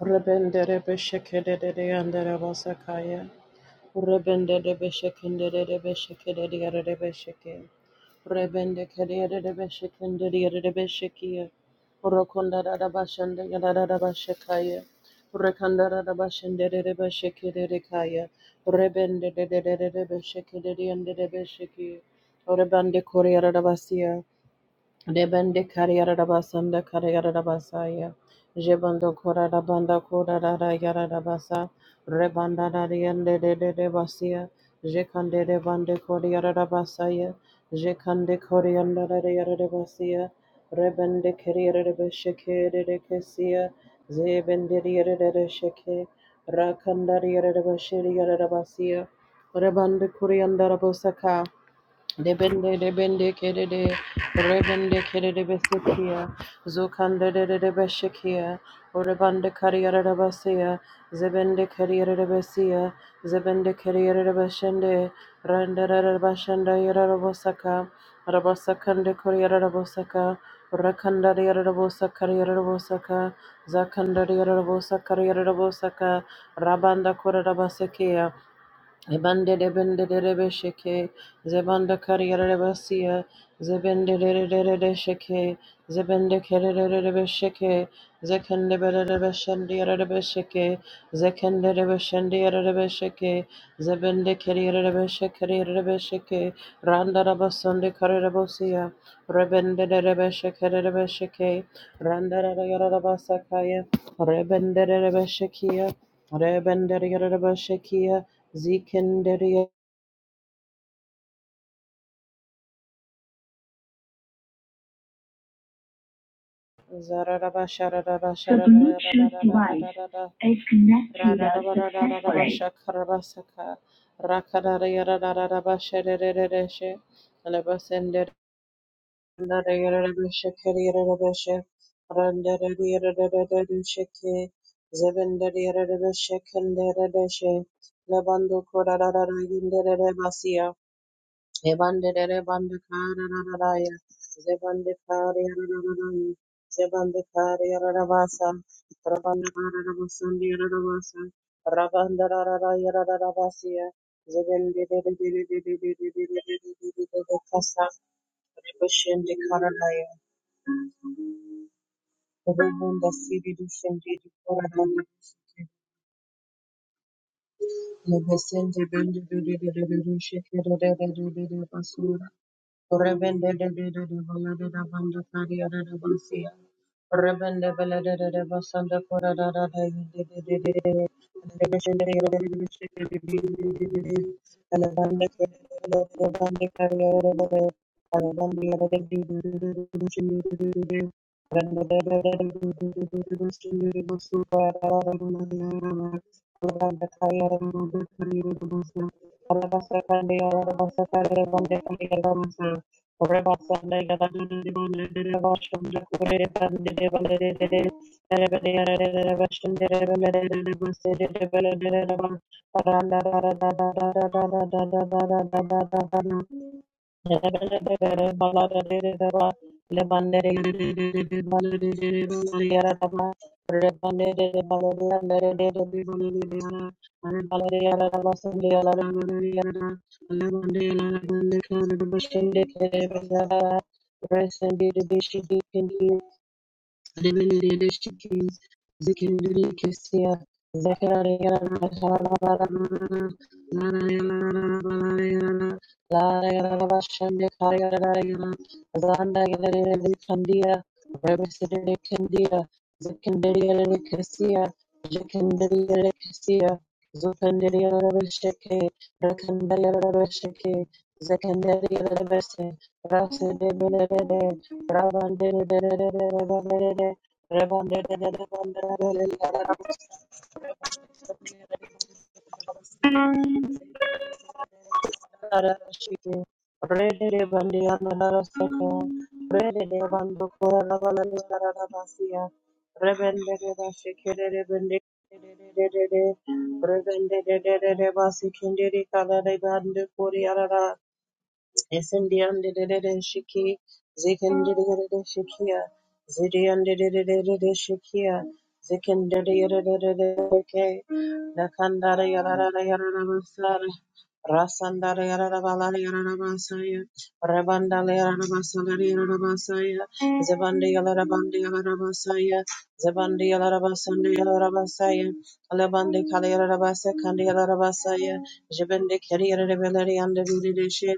Rebendere beshekedede andere bosakaya. Rebendere beshekendere beshekedede yere besheke. Rebende kedere beshekendere yere beshekiya. Rokondara da bashende yara da bashekaya. Rekandara da bashendere beshekedede kaya. Rebende dedere beshekedede yandere besheki. Rebende koreyara da basiya. Debende kariyarabasanda kariyarabasaya. Jebando korarabanda korarara yararabasa. Rebanda dariyande de de de basia. Jekande de bande koriyarabasaya. Jekande koriyanda yararabasia. Rebende kariyarabashake de de kesia. Zebende yararabashake. Rakanda yararabashiri yararabasia. Rebande Kuriandara Bosaka. Debende debende kedede rebende kedede besekia zokande dedede beshekia orebande kariyere de besia zebende kariyere de besia zebende kariyere de beshende rendere de beshende yere de bosaka rabasakande kariyere de bosaka rakanda yere de bosaka yere de bosaka zakanda yere de bosaka yere de bosaka rabanda kore de besekia Zebande de bende de rebe sheke, zebanda kariyere rebasiya, zebende de de de de de sheke, zebende kere de de rebe sheke, zekende bere rebe shendi yere rebe sheke, zekende rebe shendi yere rebe sheke, zebende keriyere rebe shekere yere rebe sheke, randa rabasonde kare rebosiya, rebende de rebe shekere rebe sheke, randa rebe yere rebasakaya, rebende de rebe shekiya, rebende de Zikinderia Zararaba Shararaba The Bluetooth device Shararaba is connected Radaraba successfully. Shakarabasaka Rakadaria Radaraba Shedereshe Alabasender Shakarirabeshe Randaria Shake Zevendaria Shakandere Deshe Labando Korara Yindere Basia Zebandikariya, Zebandikariya, Zebandikariya Rabasa, Rabandarabasundi Rabasa, Rabandaraya Rabasia, Zebendikasa, Rebashindi Karanaya, Rebunda Sidi Dushindi Karanaya. Lebesende bende bende bende bende bende Rebende de de de de bola de da banda faria de da bolsia. Rebende bela de de de basanda cora da da da de de de de de. The mission de de de de de de de de. Ala banda de de de banda faria de da de. Ala banda de de de de de de mission de de de de. Rebende de de de de de de de de mission de de bosu para da da da da da. Ala banda faria de da de faria de da bolsia. Rabba Rest and be the bishop, be Zekendere Rebende de de de de basikindiri kala de bandu kuri arara Esendiyandidididishiki, zikindidididishikiya, zidiyandididididishikiya, zikindidididididishiki, nakandarayarararayararabasara, rasandarayararabalarayararabasaya, rebandalayararabasalarayararabasaya, zibandiyalarabandiyalarabasaya, zibandiyalarabasandiyalarabasaya, alabandikalayararabasakandiyalarabasaya, jibindikiriyararabalariyandidididishi,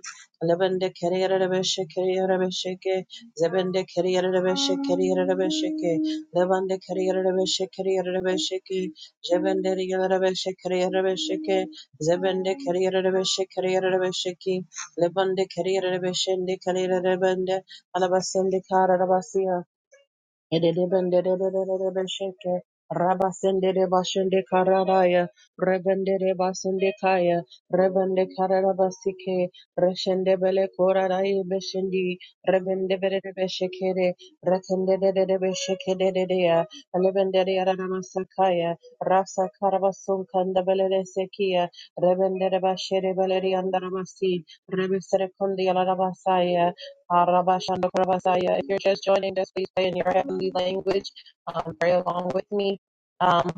Lebende kerierebeshe kerierebesheke. Zebende kerierebeshe kerierebesheke. Lebende kerierebeshe kerierebesheke. Jebende rierebeshe kerierebesheke. Zebende kerierebeshe kerierebesheke. Lebende kerierebeshende kerierebende. Alabasende karabasiya. Edebendebesheke, Rabasenderebashende Karadaya, Rebenderebasendekaya, Rebende Karadabasike, Reshendebele Koradaye Beshendi, Rebendeberebeshekere, Rekendebeshekea, Elebendereadamasakaya, Rasa Karabasun Kandabele Sekia, Rebenderebashere Beleri Andaramasi, Rebeserekondi Alarabasaya, if you're just joining us, please pray in your heavenly language. Um, pray along with me. Um,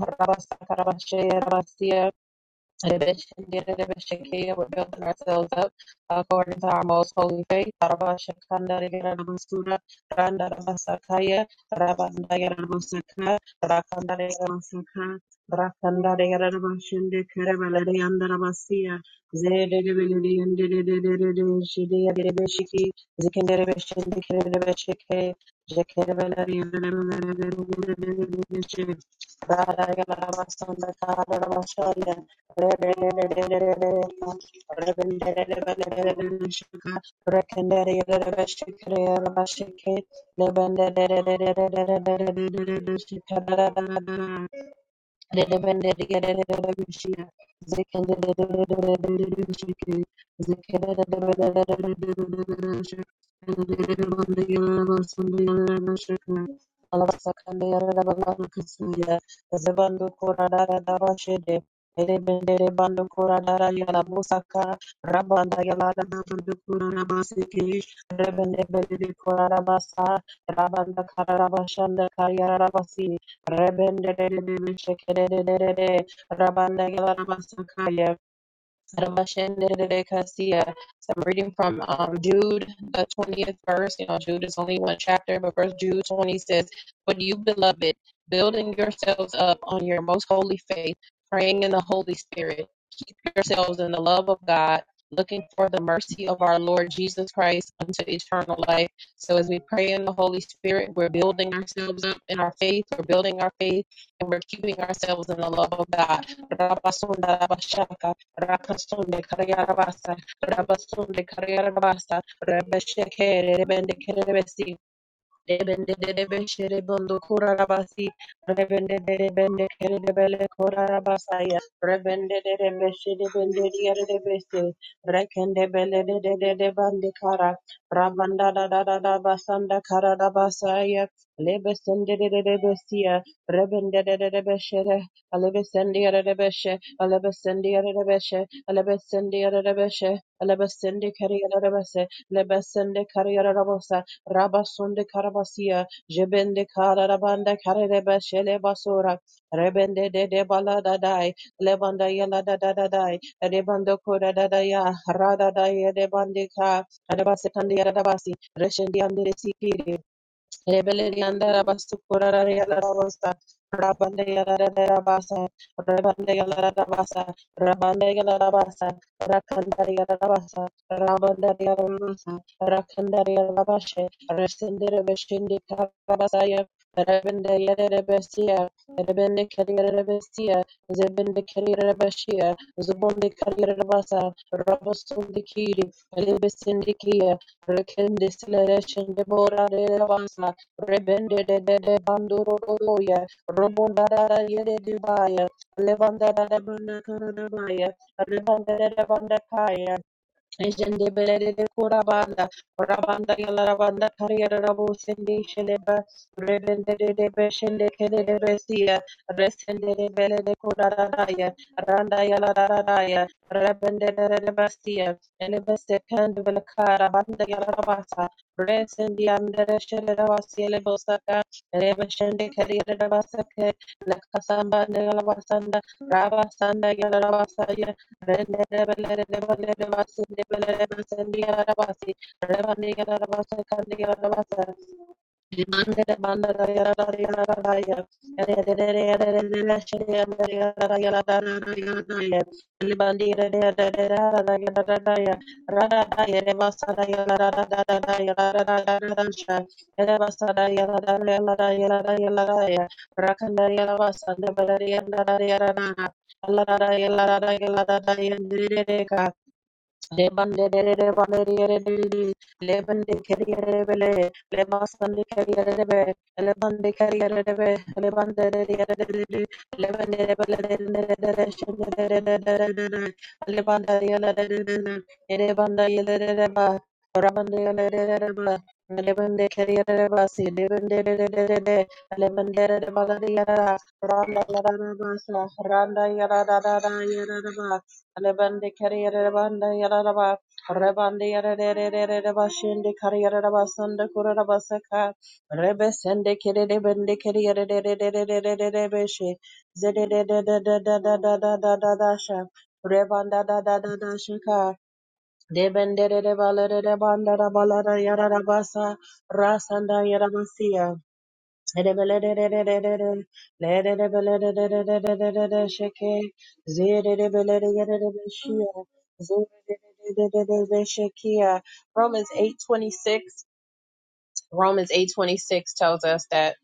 in addition, getting the Shekiah, We're building ourselves up according to our most holy faith. Rakanda Rebendere Rabanda Karabashanda Kayarabasi Rebendededededededede, Rabandagelabasakaya, Rabashendedededekasia. So I'm reading from um, Jude, the 20th verse. You know, Jude is only one chapter, but verse Jude 20 says, But you, beloved, building yourselves up on your most holy faith, praying in the Holy Spirit yourselves in the love of God, looking for the mercy of our Lord Jesus Christ unto eternal life. So as we pray in the Holy Spirit, we're building ourselves up in our faith, we're building our faith, and we're keeping ourselves in the love of God. Debende debe şere bondo korarabasi Rebende debende kere debele korarabasaya Rebende debe şere bende diğer debesi rekende bele de de de de bende kara Rabanda da da da da basanda kara da basaya Lebesende carriera rabose, lebesende carriera rabose, Rabasunde Karabasia, Jebende Karabanda Kareba Shele Basura, Rebende de de Balada Dai, Lebanda Yala da da da dai, Rebando Koda da da ya, Rada da ya de Bandika, Adabasetandi Adabasi, Reshendi and the Rebellion andara basu kurara yalara basa. Rabande yalara dera basa. Rabande yalara dera basa. Rabande yalara basa. Rakandari yalara basa. Rabandari yalara basa. Rakandari yalara bashe. Resendere beshindi karabasaya. Rebende yalara besiya. Rebende kariyara besiya. Zebende kariyara bashiya. Zubonde kariyara basa. Rabosundi kiri. Elebesindi kiya. Rekende silereshin debora dera basa. Rebende de de de banduro doya, Robonda da da yede dubaya, Levanda da da banda kara da baya, Rebanda da da banda kaya, Jende belere kura banda, rabanda yala rabanda kariyara rabu sendi sheleba, rebende de de beshende kere de resia, resende de belere kura radaya, randa yala radaya, rebende de de basia, elebeste kandu belakara banda yala rabasa, resendi andere shele rabasi elebosaka, rebeshende kariyara rabasake, lakasamba de yala rabasanda, rabasanda yala rabasaya, Randa Rakandariya Lebande de de de valerie de Leban de carriere bele le masande carriere be be lebande de de de de lebande de de de de de shende de de de de de de de de de de de de de de ba rabande de de de de ba si de de de de lebande de de valerie ra randa la la ba randa ya Rebande kariyere rebande yararaba rebande yararerere rebashende kariyere rebasanda kurarabasaka rebesende kerere bende kariyere rererererere beshe zededededededededededasha rebanda da da da da shika debende rere balere rebanda rabalara yararabasa rasanda yarabasiya Romans 8:26 Romans 8:26 tells us that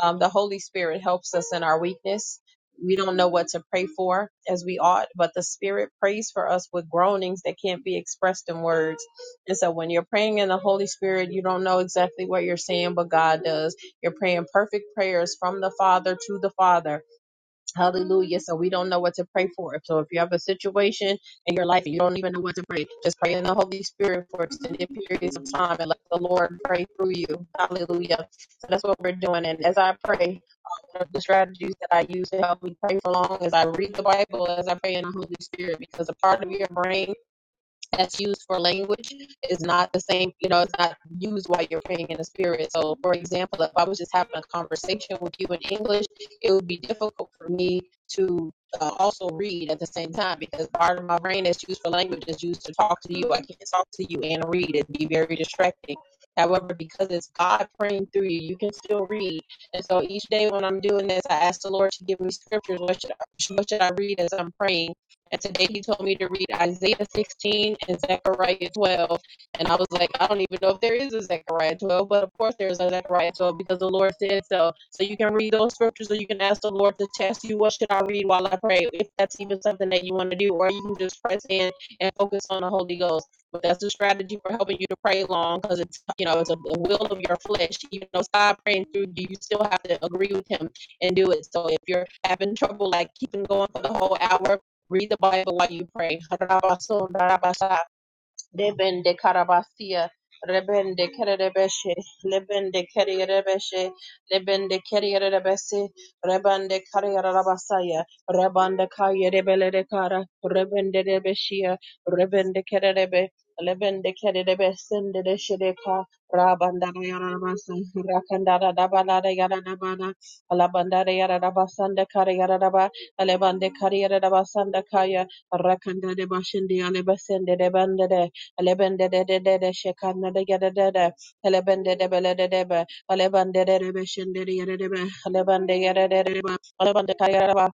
um, the Holy Spirit helps us in our weakness. We don't know what to pray for as we ought, but the Spirit prays for us with groanings that can't be expressed in words. And so when you're praying in the Holy Spirit, you don't know exactly what you're saying, but God does. You're praying perfect prayers from the Father to the Father Hallelujah. So we don't know what to pray for. So if you have a situation in your life and you don't even know what to pray, just pray in the Holy Spirit for extended periods of time and let the Lord pray through you. Hallelujah. So that's what we're doing. And as I pray, one of the strategies that I use to help me pray for long is I read the Bible as I pray in the Holy Spirit because a part of your brain that's used for language is not the same, you know, it's not used while you're praying in the spirit. So, for example, if I was just having a conversation with you in English, it would be difficult for me to uh, also read at the same time because part of my brain that's used for language is used to talk to you. I can't talk to you and read, it'd be very distracting. However, because it's God praying through you, you can still read. And so each day when I'm doing this, I ask the Lord to give me scriptures. What should I, what should I read as I'm praying? And today he told me to read Isaiah 16 and Zechariah 12. And I was like, I don't even know if there is a Zechariah 12, but of course there's a Zechariah 12 because the Lord said so. So you can read those scriptures or you can ask the Lord to test you, what should I read while I pray? If that's even something that you want to do, or you can just press in and focus on the Holy Ghost. But that's a strategy for helping you to pray long because it's, you know, it's a will of your flesh. Even though God praying through you, you still have to agree with Him and do it. So if you're having trouble like keeping going for the whole hour Read the Bible while you pray. Lebende karabasia, rebende kererebeshe, lebende kerierebeshe, lebende kerierebese, rebende karierabasaya, rebende kayerebelede kara, rebende debeshia, rebende kererebe, lebende kererebesende deshedeka, rabandara yarabasa, rakandara dabalada yaradabana, alabandara yaradabasanda karieraba, alebande karierabasanda kaya, rakanda de bashindi alebesende debende Alebende de de de de shekana de gede de de. Alebende de bele de de be. Alebende de de be shende de gede de be. Alebende gede de de de be. Alebende ka de ba.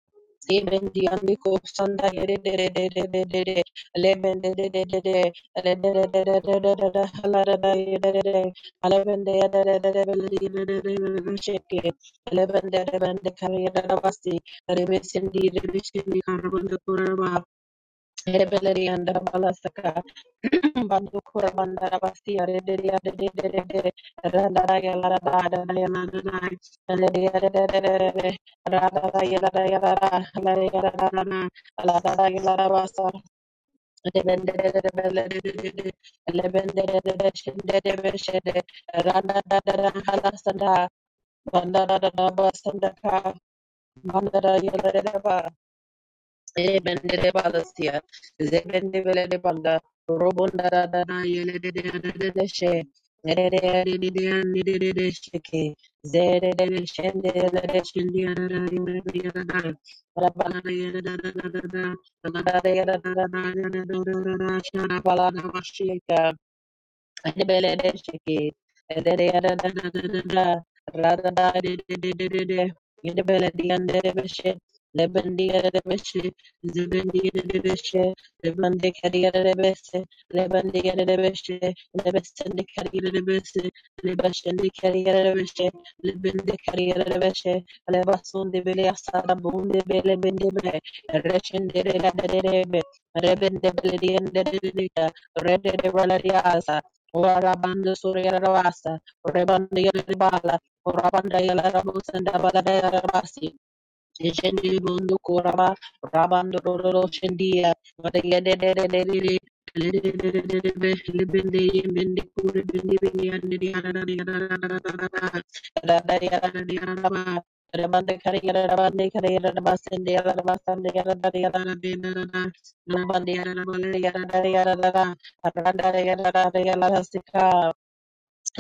Ebendi andiko sanda gede de de de de de de de. Alebende de de de de. Alebende de de de de de de. Alada da gede de de. Alebende ya de de de de bele de de de de de sheke. Alebende de bende ka gede de basi. Rebesindi rebesindi rebesendi karabanda kuraba. Rebelleri and Balasaka, Bandukura Bandarabasi, Rederia, the Dede, Radaraya, Ladada, Yanana, Ledia, Radaya, Ladaya, Ladana, Ladaya, Ladabasa, Lebendere, Lebendere, Shinde, Shede, Rada, Halasanda, Bandara, Basandaka, Bandara, Yalareba, Ebendele balasia, zebendele de banda, robonda dana da da yele de de de de de she, ere de de de de de de de de sheke, zere de de shende de de shende ya da da yele de ya da da, bala bala da yele da da da da da, bala da da yele da da da da da da da da da, shana bala da mashika. Rebende Beledian Dedica, Red de Valaria Asa, Ora banda surya ravasa, rebanda yala bala, ora banda yala rabusa nda bala daya Shendi bundo koraba rabando roro shendia madayede de de de de Rabande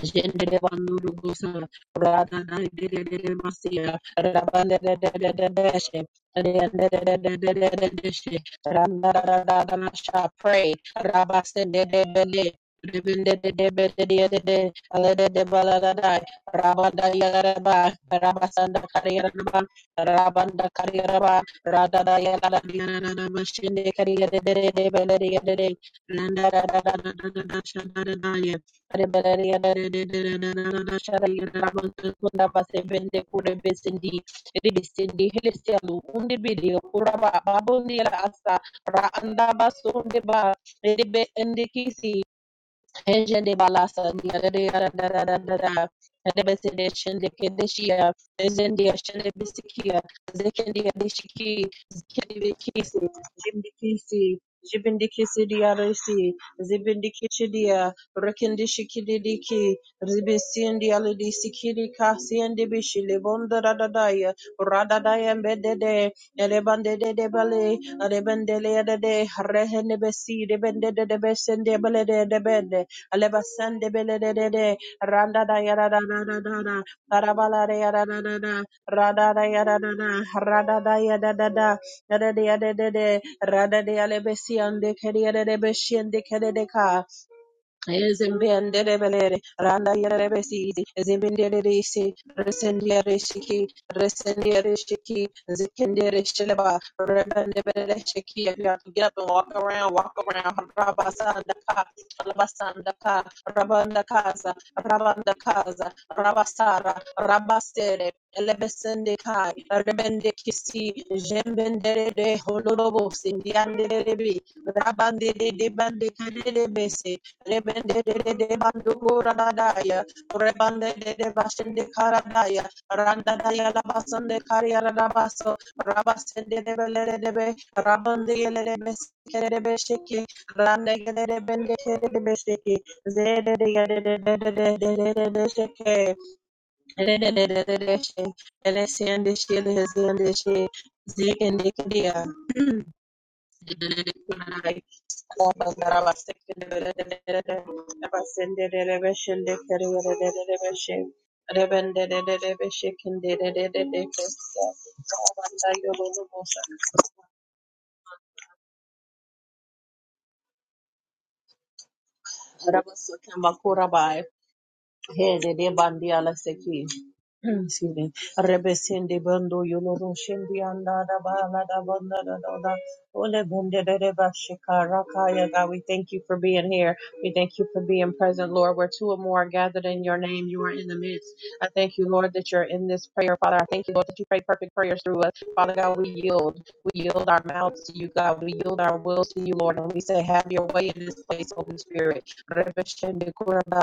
Jendele banduru gusa, rada da de de de de masia, rabanda de de de de de she, de de de de de de de de de she, randa da da da da da sha, pray, rabasa de de de de. Rebende de de de de de de de, ale de de bala da da, rabanda yara ba, rabasanda kariyara ba, rabanda kariyara ba, rada da yara da yara da da mashinde kariyara de de de de de de de, nanda da da da da da da da sha da da da Rebellion, Ejende balasa ni arere ara da da da da da. Rebese de şende kedeşiya, ezende yaşende bisikiya, zekende yadeşiki, zikende bekisi, jimdikisi, jibindikisi diyaresi, zibindikisi diya, rekendişiki dediki, ribesiyende alidisikiri kasiyende bişili, bondara dadaya, radadaya mbedede, elebandede debale, elebendele yedede, rehende besi, debende de debesende belede debende, Aleba sende belelelele. Randa da yada da da da da da. Barabala da yada da da da. Rada da yada da da. Rada da yada da da. Yada da yada da de Rada de yale besi ande kere yada de beshi ande kere de ka. Ezembendebelere, Randa Yerebesidi, Zimbinderisi, Resendierishiki, Resendierishiki, Zikinderishleba, Rebendebeleshiki. If you have to get up and walk around, walk around. Rabasandaka, Rabasandaka, Rabandakaza, Rabandakaza, Rabasara, Rabasere. Elebesendekai, Rebendekisi, Jembendere, de Holorobo, sindiandere bi, rabande Sindianderebi, Rabandede, Bandekadebese, Rebende de de de bandura dadaya, rebande de Bashin de basende karadaya, randa daya la basende karia la baso, rabasende de belere de be, rabande yele de beskere de beshiki, rande yele de bende kere de beshiki, zede de yede de de de de de de de de sheke, de de de de de de she, ele sende she, ele sende she, Rabasende Hey, the day bandi ala seki. Excuse me. Rebe sende bando yolo shendi anda da ba la da banda da da da. Ole bende de de ba shikara kaya. God, we thank you for being here. We thank you for being present, Lord. Where two or more are gathered in your name, you are in the midst. I thank you, Lord, that you're in this prayer, Father. I thank you, Lord, that you pray perfect prayers through us. Father God, we yield. We yield our mouths to you, God. We yield our wills to you, Lord. And we say, have your way in this place, Holy Spirit. Rebesende kuraba.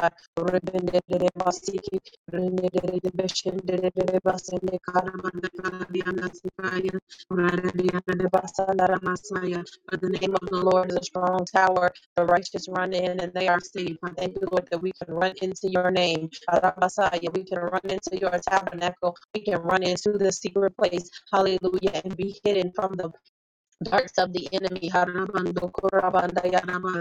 Rebendere basiki, rendere de beshendere de basende karamanda karabiyana sikaya, rarabiyana de basandara masaya. For the name of the Lord is a strong tower, the righteous run in and they are safe. I thank you, Lord, that we can run into your name. Arabasaya, we can run into your tabernacle. We can run into the secret place. Hallelujah. And be hidden from the darts of the enemy. Haramando kurabanda yanama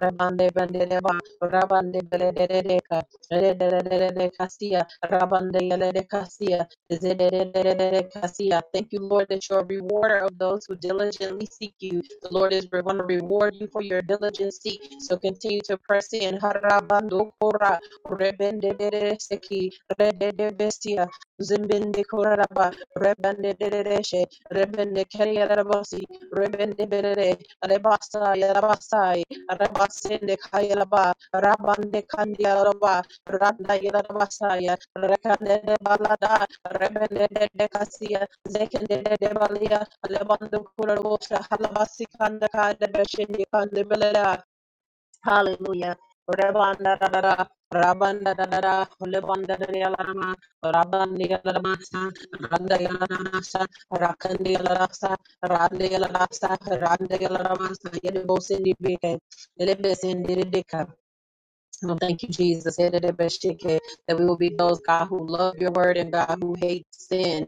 rabande bandereba rabande beledeka beledeka kasia rabande yelede kasia zededededede kasia. Thank you, Lord, that you're a rewarder of those who diligently seek you. The Lord is going to reward you for your diligent seek. So continue to press in. Harabando kura rebende seki redede bestia zimbinde kuraba rebende Rebende Keria Rebendebere, Rebasa, Yarabasai, Rabasende Kayalaba, Rabande Kandialaba, Randa Yarabasaya, Rekande de Balada, Rebende de Cassia, Zekende de Balia, Lebandu Kurosha, Halabasi Kandaka, the Beshindi Kandibela, Hallelujah. Rabanda da da da, Rabanda da da da, Lebanda da da la ma, Rabandi la da ma sa, Randa ya la la ma sa, Rakandi la la sa, Rande la la sa, Rande la la ma sa, Yede bo sindi beke, Lebe sindi well, thank you, Jesus, that we will be those, God, who love your word and God who hate sin.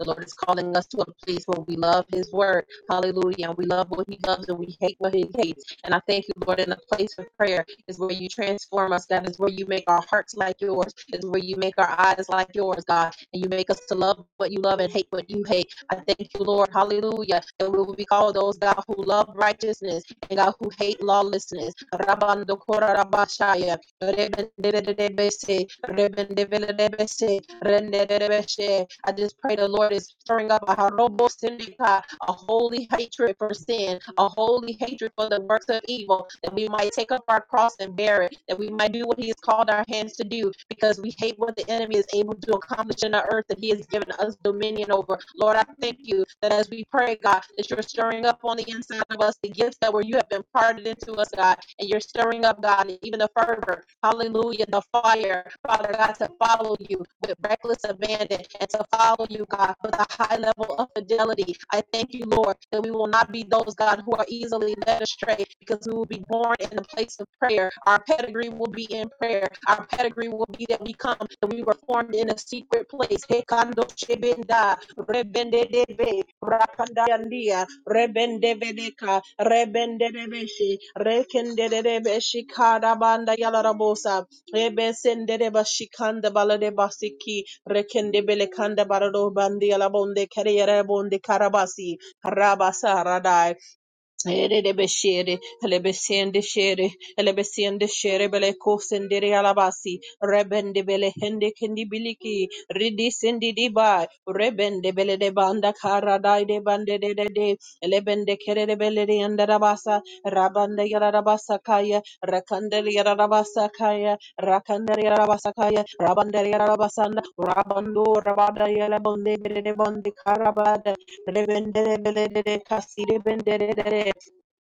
The Lord is calling us to a place where we love his word. Hallelujah. And we love what he loves and we hate what he hates. And I thank you, Lord, in the place of prayer is where you transform us. That is where you make our hearts like yours, is where you make our eyes like yours, God. And you make us to love what you love and hate what you hate. I thank you, Lord. Hallelujah. and we will be called those, God, who love righteousness and God who hate lawlessness. Rabando Korabashaya, Rebendebese, Rebendebese, Rendebese. I just pray the Lord is stirring up a Harobo Sindika, a holy hatred for sin, a holy hatred for the works of evil, that we might take up our cross and bear it, that we might do what He has called our hands to do, because we hate what the enemy is able to accomplish in the earth that He has given us dominion over. Lord, I thank you that as we pray, God, that you're stirring up on the inside of us the gifts that were you have imparted into us, God, and you're stirring up, God, and even the fervor word. Hallelujah. The fire, Father God, to follow you with reckless abandon and to follow you, God, with a high level of fidelity. I thank you, Lord, that we will not be those, God, who are easily led astray because we will be born in the place of prayer. Our pedigree will be in prayer. Our pedigree will be that we come and we were formed in a secret place. Rebende debe rakanda yandia Rebende bedeka rebende debeshi rekende debe rebendedebe rakandayandia rebendebedeka rebendedebeshi rekendedebeshi karabanda yalarabosa rebesendereba shikanda baladebasiki rekendebele kanda barado bandi yalabonde kereyere bonde karabasi rabasa radai Erebeshere, Lebesende shere. Elebesendeshere, Beleko dere Alabasi, Rebende Belehende Kendibiliki, Ridi Sendidiba, Rebende Bele de Banda Kara Dai de Bande de de de, Elebende Kere Bele de Andarabasa, Rabanda Yarabasa Kaya, Rakandel Yarabasa Kaya, Rakandel Yarabasa Kaya, Rabandel Yarabasanda, Rabando Rabada Yalabonde Bele de Bonde Karabada, Rebende Bele de Kasire Bende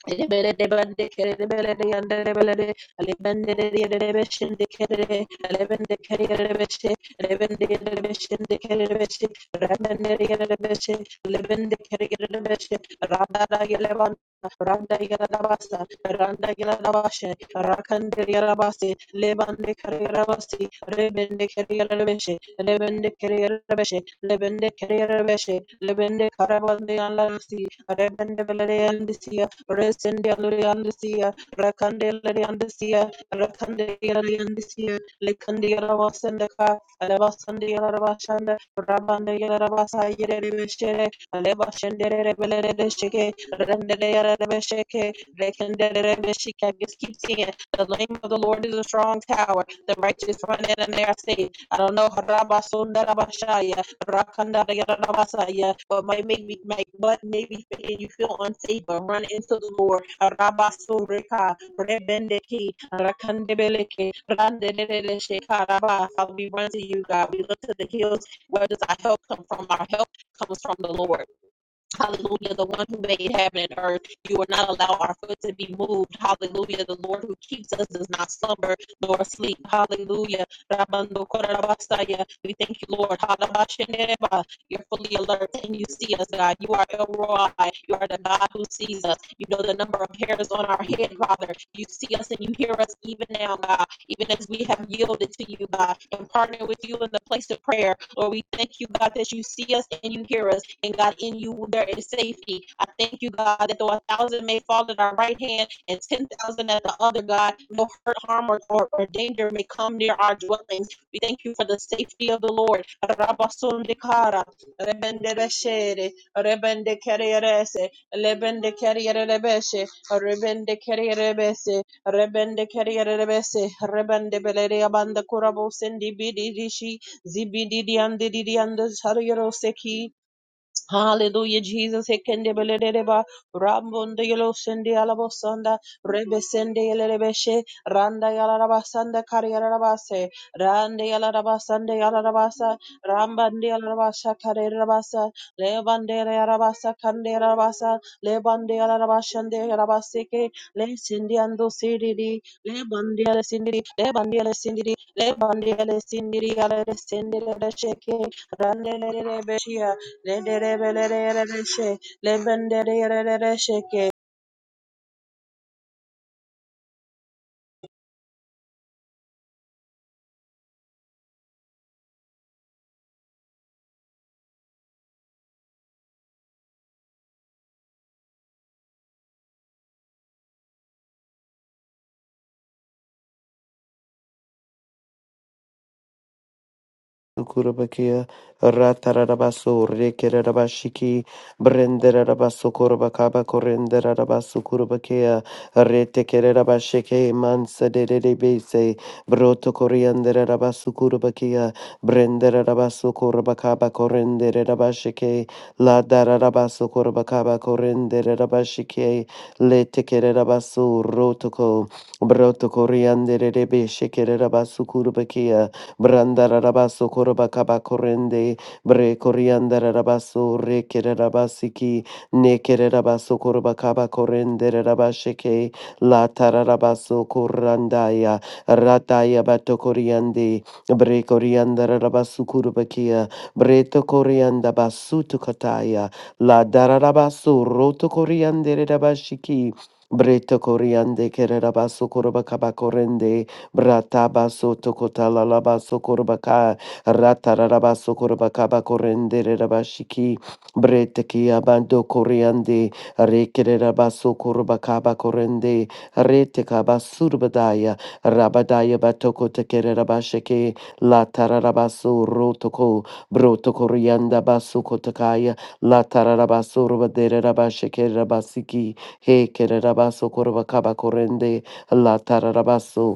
Libele de bande care de bele de yandere de bele de alibende de yere de beşin de care alibende care yere de beşe alibende yere de beşin de care de beşe rabende yere de beşe alibende care yere de beşe rabada yere ban randa yere de basa randa yere de başe rakande yere basi lebande care yere basi rebende care yere de beşe Lebende care yere de beşe lebende care yere de beşe lebende karabande yanlarsi rebende bele de yandisi Resendeliandesia, Rakandeliandesia, Rakandeliandesia, Likandiaravasendaka, Alabasandiaravashanda, Rabandiaravasa Yerebeshere, Alebashendere Beleresheke, Renderebesheke, Rekenderebeshika. Just keep seeing it. The name of the Lord is a strong tower. The righteous run in and they are safe. I don't know. Rabasunda Rabashaya. Rakanda da But might make me make what maybe and you feel unsafe, but run into the Lord. Arabaso reka rebendeki rakandebeleke randedelesheka raba. Father, we run to you, God. We look to the hills. Where does our help come from? Our help comes from the Lord. Hallelujah, the one who made heaven and earth. You will not allow our foot to be moved. Hallelujah, the Lord who keeps us does not slumber nor sleep. Hallelujah. We thank you, Lord. Halabasheneba. You're fully alert and you see us, God. You are El Roi. You are the God who sees us. You know the number of hairs on our head, Father. You see us and you hear us even now, God even as we have yielded to you, God, and partner with you in the place of prayer. Lord, we thank you, God, that you see us and you hear us, and God, in you there is safety. I thank you, God, that though a thousand may fall at our right hand and ten thousand at the other, God, no hurt, harm, or, or, or danger may come near our dwellings. We thank you for the safety of the Lord. Rabasundikara, rebendereshere, rebendekererese, lebendekerierebeshe, rebendekerierebese, Rebende Keriarebese, Rebende Beleria Banda Kurabo Sendi Bididishi, Zibidi and Didi and Sariro seki. Hallelujah, Jesus. Hekendebeleleba, Rambondeyelo sende alabosanda, Rebe sende yelelebeshe, Randa yalarabasanda kariyarabase, Rande yalarabasande yalarabasa, Rambande yalarabasha kariyarabasa, Lebande yarabasa kande yarabasa, Lebande yalarabashande yarabaseke, Le sindi ando siriri, Lebande yale sindiri, Lebande yale sindiri, Lebande yale sindiri yale sindiri yale sheke, Rande yale Lederebelerereshe, lebendererereshe. Kurabakia, Ratarabasu, Rekerabashiki, Brenderabasu Kurabakaba, Korenderabasu Kurabakia, Retekerabasheke, Mansa de Debese, Broto Korianderabasu Kurabakia, Brenderabasu Kurabakaba, Korenderabasheke, La Darabasu Kurabakaba, Korenderabashike, Letekerabasu, Rotoko, Broto Korianderabasu Kurabakia, Brandarabaso korende Bre Koriandarabaso, Rekerabasiki, Nekerabaso korende Rabasheke, La Tararabaso Korandaya, Rataya Bato Koriande, Bre Koriandarabasu Kurubakia, Breto Korianda Basutu Kataya, La Dararabaso, Roto koriandere Rabashiki, Breto Koriande Kerabaso Korobakabakorende, Bratabaso tokotala labaso korbaka ratarabaso korbaka bakorendere rabashiki breteki abando koriande rekere rabaso korbaka bakorende reteka basurbadaya rabadaya batoko tekere rabasheke latarabaso rotoko broto korianda baso kotakaya latarabaso rabadere rabasheke rabasiki he kere rabaso korbaka bakorende latarabaso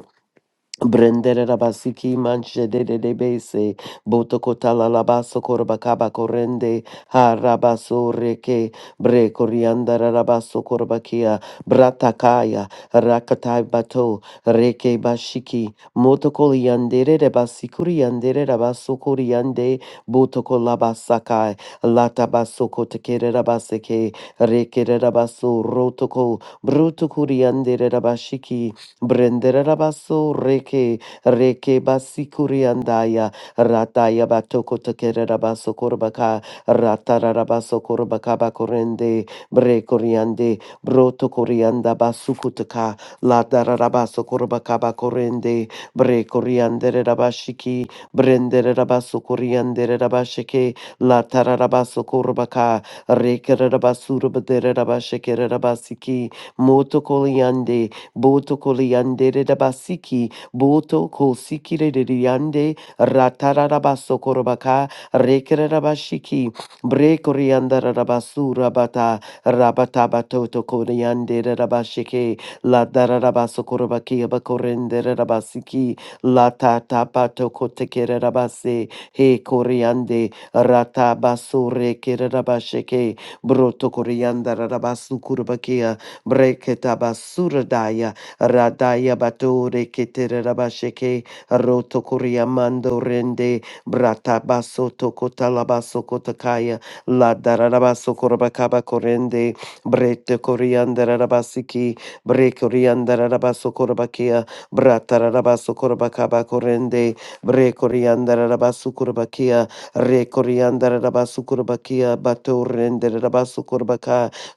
Brendere rabasiki manche de de de bese, boto kotala labaso korbakaba korende, ha rabaso reke, bre korianda rabaso korbakia, bratakaya, rakatai bato, reke bashiki, moto koliandere rabasikuriandere rabaso koriande, boto kolabasakai, lata baso kotekere rabaseke, reke rabaso rotoko, bruto kuriandere rabashiki, Brendera rabaso reke reke basikuriandaya rataya batoko tekererabaso korbaka ratararabaso korbaka bakorende brekoriande broto korianda basukutaka latararabaso korbaka bakorende brekoriandererabashiki brendererabaso koriandererabashike latararabaso korbaka rekererabasurbadererabashikererabasiki moto koliande Boto koliande de basiki, boto kosiki de diande, ratarabaso korobaka, rekerabashiki, brekorianda rabasu rabata, rabatabatoto koriande rabashike, la darabaso korobaki abakorende rabasiki, la tatapato kotekere rabase, he koriande, ratabaso rekerabashike, broto korianda rabasu kurobaki, Breketabasurudaya Radaya Batore Keterabasheke Rotokuria Mando Rende Bratabaso Tokotalabaso Kotakaya La Darabaso Korabakaba Korende Brete Koriandarabasiki Brekoriandarabaso Korabakia Bratarabaso Korabakaba Korende Brekoriandarabasu Korabakia Rekoriandarabasu Korabakia Batorende Rabasu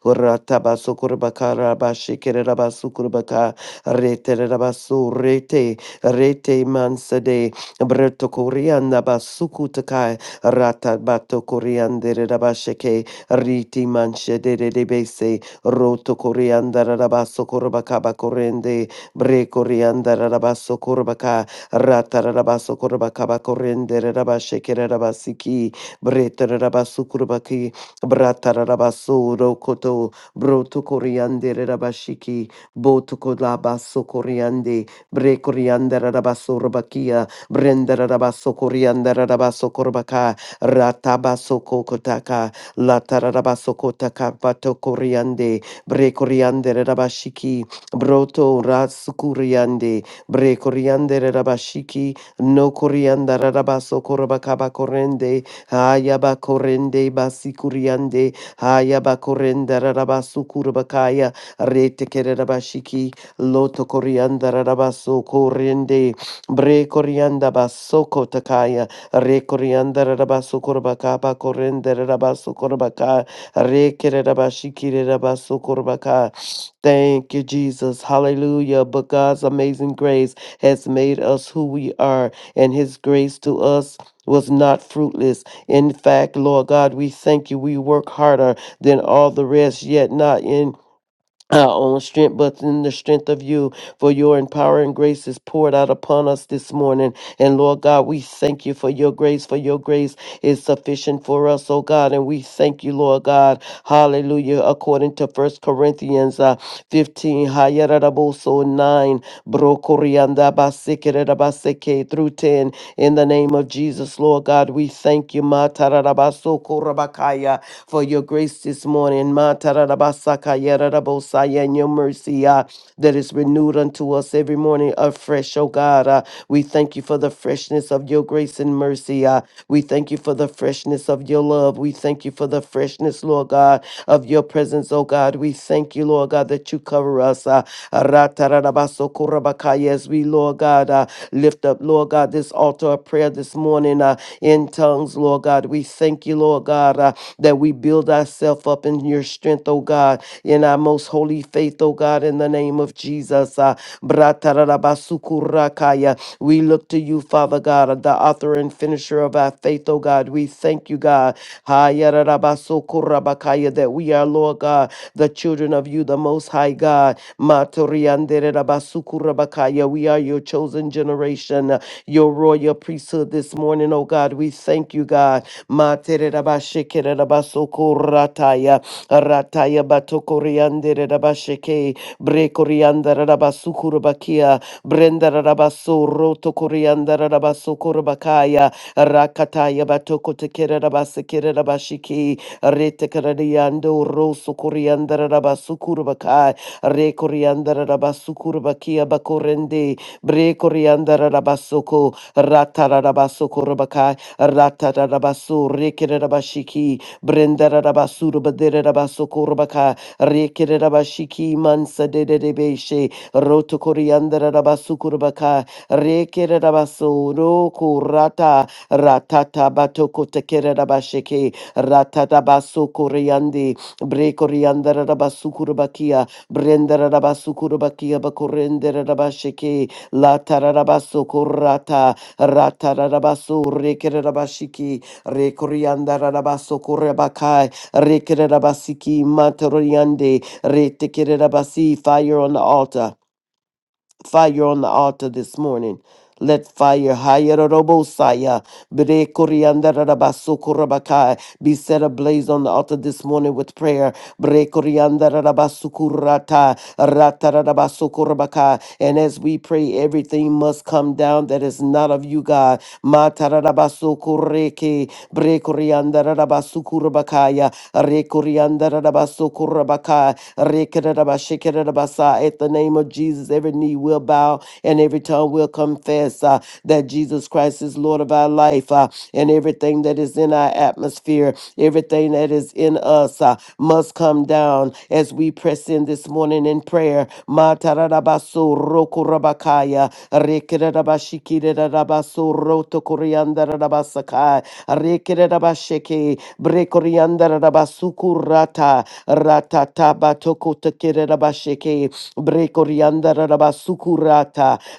Ratabasukurbakarabashikerabasukurbaka reterabasu rete rete mansade bretokorianda basukutakai ratabatokorianderabasheke riti manshederebese rotokoriandarabasukurbakabakorende brekoriandarabasukurbaka ratarabasukurbakabakorenderabashekerabasiki Bratarabaso rokoto broto coriander rabashiki boto kolabaso coriande bre coriander rabaso robakia brenda rabaso coriander rabaso korbaka ratabaso kokotaka latarabaso kotaka bato coriande bre coriander rabashiki broto rasukuriande bre coriander rabashiki no coriander rabaso korbaka bakorende Ayaba korende basikuriande. Ayaba korenda rabasukurabakaya. Retekere rabashiki. Loto korianda rabaso korende. Bre korianda basoko takaya. Re korianda rabaso korabakaba korende rabaso korabaka. Rekere rabashiki rabaso korabaka. Thank you, Jesus. Hallelujah. But God's amazing grace has made us who we are, and his grace to us was not fruitless. In fact, Lord God, we thank you. We work harder than all the rest, yet not in our own strength, but in the strength of you. For your empowering grace is poured out upon us this morning. And Lord God, we thank you for your grace, for your grace is sufficient for us, oh God. And we thank you, Lord God. Hallelujah. According to First Corinthians uh, 15, Hayaradaboso 9, Brokorianda Basekerabaseke through 10. In the name of Jesus, Lord God, we thank you, Matarabaso Korabakaya, for your grace this morning, Matarabasakayarabosaya, and your mercy uh, that is renewed unto us every morning afresh fresh, oh God. Uh, we thank you for the freshness of your grace and mercy. Uh, we thank you for the freshness of your love. We thank you for the freshness, Lord God, of your presence, oh God. We thank you, Lord God, that you cover us. Uh, Ratarabasokorabakaya, as we, Lord God, uh, lift up, Lord God, this altar of prayer this morning uh, in tongues, Lord God. We thank you, Lord God, uh, that we build ourselves up in your strength, oh God in our most holy faith, O God, in the name of Jesus. Uh, Bratarabasukurakaya. We look to you, Father God, the author and finisher of our faith, O God. We thank you, God, Hayarabasukurabakaya, that we are, Lord God, the children of you, the Most High God. Matorianderabasukurabakaya. We are your chosen generation, uh, your royal priesthood this morning, O God. We thank you, God. Matererabashekererabasokorataya. Rataya Batokoriande Rabasheke, Brekorianda Rabasukurabakia, Brenda Rabaso Roto Korianda Rabasokurabakaya, Rakataya Batokotekera Rabasekera Rabashiki, Retekaradiando Roso Korianda Rabasukurabakai, Rekorianda Rabasukurabakia Bakorende, Brekorianda Rabasoko, Ratara Rabasokurabaka, Ratara Rabasu, Rekerabashiki, Brendara Rabasura Badere Rabasokorabaka, Rekere Rabashiki Mansa de Debeshe, Roto Coriandra Rabasukurabaka, Rekere Rabaso, Roku Rata, Ratata Batoko Tekere Rabasheke, Ratata Baso Coriandi, Brekoriandra Rabasukurabakia, Brendara Rabasukurabakia Bakorendera Rabasheke, La Tararabaso Korata, Ratarabaso Rekere Rabashiki, Rekorianda Rabaso Korebakai, Rekerabasiki Matoriande, Retekerabasi, fire on the altar, fire on the altar this morning. Let fire, Hayarobosaya, Brekorianda Rabaso Korebakai, be set ablaze on the altar this morning with prayer. Brekorianda Rabaso Kurata, Ratarabaso Korebakai. And as we pray, everything must come down that is not of you, God. Matarabaso koreke, Brekurianda Rabasukurabakaya, Rekurianda Rabasukurabaka, Rekerabashikerabasa. At the name of Jesus, every knee will bow and every tongue will confess uh, that Jesus Christ is Lord of our life uh, and everything that is in our atmosphere, everything that is in us uh, must come down as we press in this morning in prayer. Matarabaso rokurabakaya, rekerabashikirabaso rotokoriandarabasakaya. Rekere rabasheke. Brekorianda rabasukurata Ratata batoko tekere rabasheke. Brekorianda rabasuku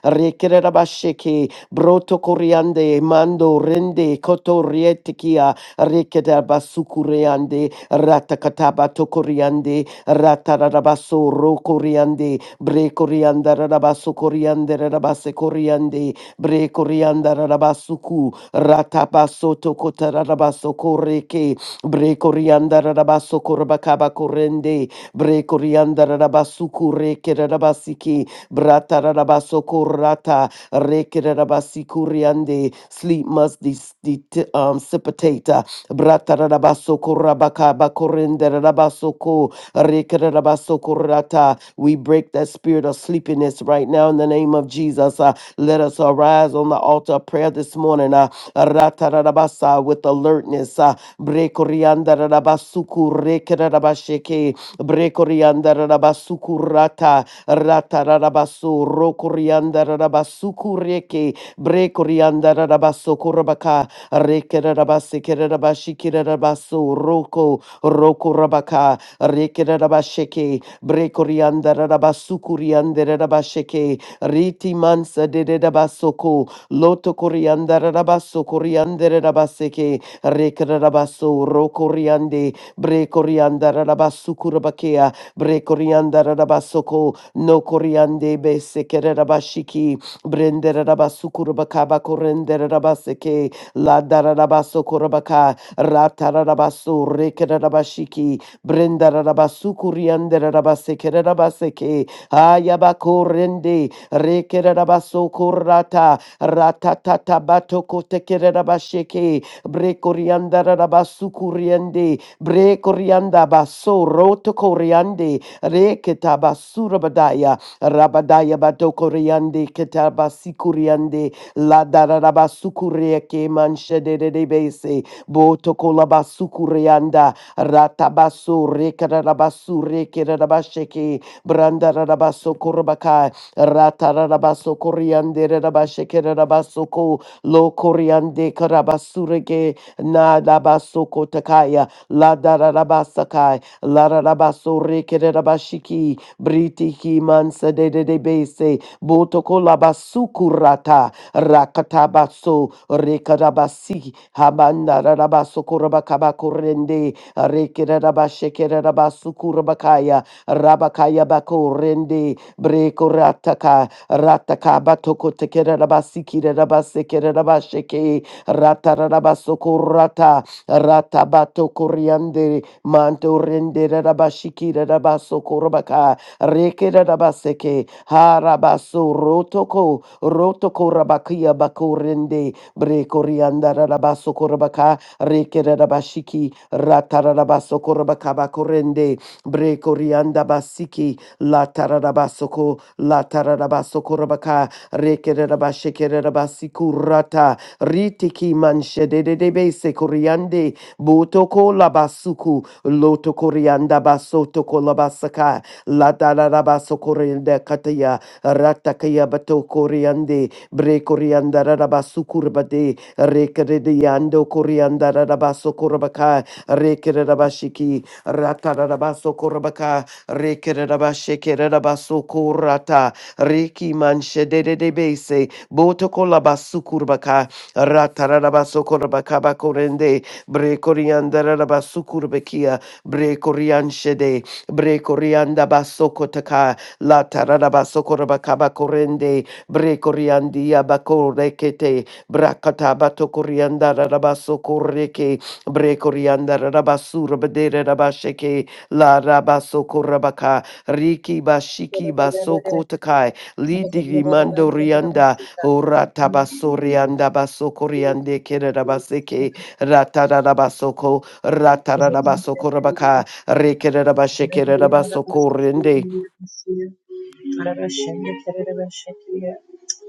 Rekere rabasheke. Broto koriande. Mando rende. Koto rietekia. Rekere rabasuku reande. Ratakataba tokoriande. Ratarabaso rokoriande. Brekorianda rabaso koriande rabase koriande. Brekorianda rabasuku. Ratabaso tokotararabaso koreke. Brekoriandararabaso korbakaba korende. Brekoriandarabasu kureke rabasiki. brata Bratararabaso korata. Reke rarabasi kuriande. Sleep must dis- det- um, dissipate. Bratarabaso korabakaba korenderarabaso ko. Reke rarabaso korata. We break that spirit of sleepiness right now in the name of Jesus. Uh, let us arise on the altar of prayer this morning. Uh, Ratarabasa with alertness. uh, Brekoriandarabasuku rekerabasheke. Brekoriandarabasuku rata. Ratarabasu rokoriandarabasuku reke. Brekoriandarabasuku rabaka. Rekerabasekerabashikirabasu roko. Roko rabaka. Rekerabasheke. Brekoriandarabasuku riandarabasheke. Riti mansa de basoko. Loto coriandere rabasso coriandere rabasseke rekere rabasso ro coriande bre coriandere rabasso curabakea bre coriandere rabasso co no coriande bessekere rabashiki brendere rabasso curabakaba correndere rabasseke la dara rabasso curabaka ratara rabasso rekere rabashiki brendere rabasso coriandere rabassekere rabasseke ayabako rende rekere rabasso corrata Ratata bato kote kere rabasheke. Bre korianda rabasu kuriende. Bre korianda baso roto koriande. Re ketabasu rabadaya. Rabadaya bato koriande ketabasi kuriande. La darabasu kurieke manche de de de bese. Boto kolabasu kurianda. Ratabasu rekararabasu rekerabasheke. Branda rabaso korabaka. Ratarabaso Coriande Rabashekerabasoko Lo Coriande Karabasurege Nadabasoko Takaya La Darabasakai La Rabaso Rekerabashiki Britiki Mansa de de Bese Botoko Labasukurata Rakatabaso Rekarabasi Habanda Rabasokurabacabacorende Rekerabashekerabasukurabakaya Rabakaya Bakorende breko rataka rataka batoko tekere rabasikire rabasekere rabasheke rata rabasoko rata rata batoko riande manto rende rabashikire rabasoko rabaka rekere rabaseke harabaso rotoko rotoko rabakia bakorende rende breko rianda rabasoko rabaka rekere rabashiki rata rabasoko rabaka bakorende rende breko rianda basiki La Tararabasoko, La Tararabasoko Rabaka, Rekerabashekerabasikurata, Ritiki Manshedebe Sekoriande, Botoko Labasuku, Loto Korianda Basoto Kolabasaka, La Tararabasokorenda Kataya, Ratakaya Bato Koriande, Bre Korianda Rabasukurbade, Rekerediando Korianda Rabasokorabaka, Rekerabashiki, Ratarabasokorabaka, Rekerabashekerabasukurata. Riki manshedededebese. Botokolabazukurbaka. Ratarabasukurbakabakorende. Brekoriandarabasukurbekia. Brekorianshede. Brekoriandabasokotaka. Latarabasokorbakabakorende. Brekoriandiabakorekete. Brakatabatokorriandarabasukorreke. Brekoriandarabasurbederabasheke. La rabasoko rabaka, riki bashiki Dererere. Dererere. basoko takai, lidi mando rianda, ora tabaso rianda basoko riande kerabaseke, ratarabasoko, ratarabasoko rabaka, rekerabasheke rabasoko rende.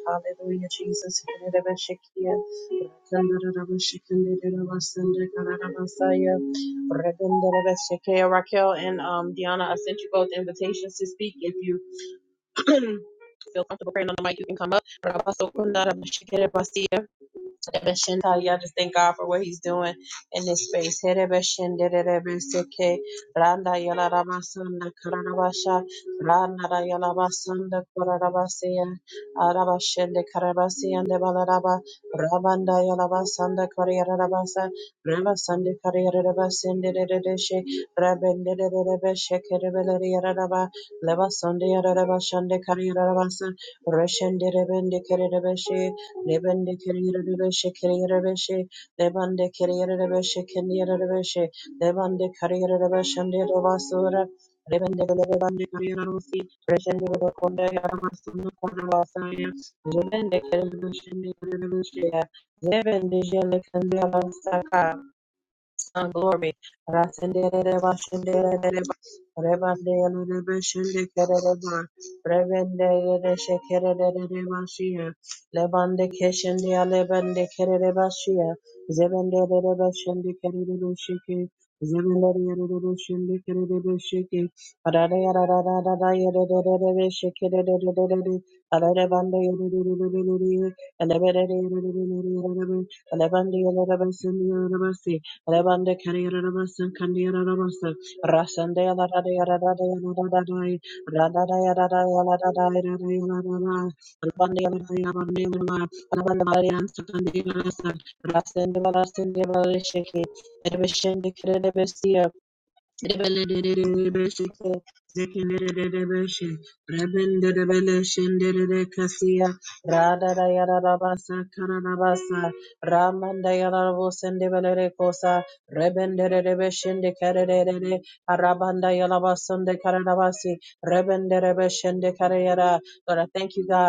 Hallelujah, Jesus. Raquel and um, Deanna, I sent you both invitations to speak. If you feel comfortable praying on the mic, you can come up. Ebeshinta, Y'all just thank God for what He's doing in this space. Herebeshinderebeseke, Lebende keriyerere beşe keriyerere beşe. Lebende keriyerere beşe keriyerere beşe. Lebende keriyerere beşende de basura. Lebende gelebe bende keriyerere Reşende bebe konda yaramasını konda basaya. Lebende keriyerere beşende keriyerere beşe. Lebende jele kendi alasaka and glory. Rasendereba shendereba, rebandereba shendekereba, rebendereba shekereba shia, lebande keshendia lebande kereba shia, zebendereba shendekereba shiki, zebendereba shendekereba shiki, rararararara yerererere shekerererere, ararebande yerererere, eleberere yerererere, elebande yererebe shendekereba Rebande Kariarabasan Kandiarabasan Rasande Radayaradayaradai Radayaradayaradayaradayaradai Rabande Yaradayaradayaradai Rabande Marian Sakandirasan Rasande Valasande Valashiki Erbishende Lord, I thank you, God,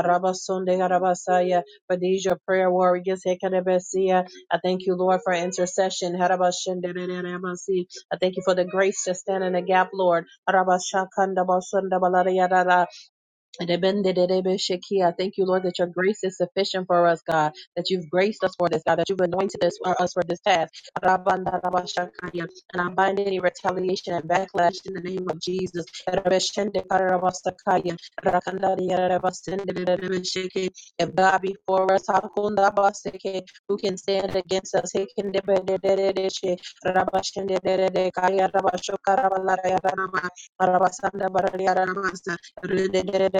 Rabasonde Garabasaya, for these your prayer warriors. Hekarebesia. I thank you, Lord, for intercession. Harabashendererebasi. I thank you for the grace to stand in the gap, Lord. Rebendedebeshekia. Thank you, Lord, that your grace is sufficient for us, God, that you've graced us for this, God, that you've anointed us for, us for this task. Rabandarabashakaya. And I bind any retaliation and backlash in the name of Jesus. Erebeshendekarabasakaya. Rakandariyarebasendedebesheke. If God be for us, Hakundabaseke, who can stand against us? Hekendebedededeshe. Rabashendededekaya. Rabashokarabalarayaranama. Rabasandabarayaranamasa. Rada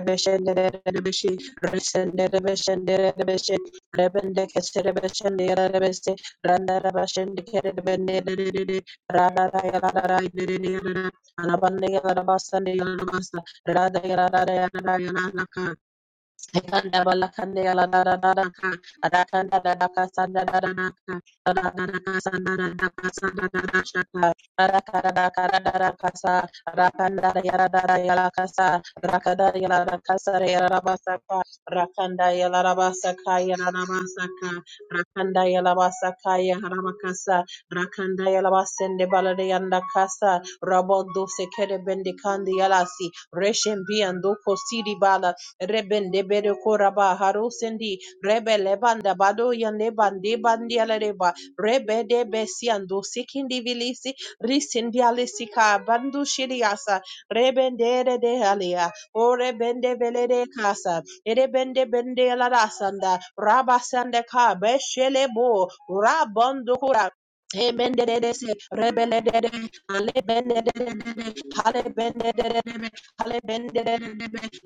Ekanda balakande yala da da da da ka. Adakanda da da ka sanda da da da ka. Ada da da ka sanda da da ka sanda da da shaka. Adaka da da ka da da da ka sa. Adakanda da yala da da yala ka sa. Rakada da yala da ka sa da yala da ba ka. Rakanda yala da ba ka yala da ba ka. Rakanda yala ba ka yala da ka sa. Rakanda yala ba sende bala yanda ka sa. Rabo do se kere bendi kandi yala si. Reshen bi ando ko siri bala Rebende bere koraba haro sendi. Rebe lebanda bado yande bande bandi alareba. Rebe de besiando sikindi vilisi. Risindi alisika bandu shiriasa. Rebende re de alia. O rebende vele de casa. Erebende bende alarasanda. Rabasanda ka beshele bo. Rabondo kura. Emendedede, rebelledede, alebendedede, halebendedede, halebendedede,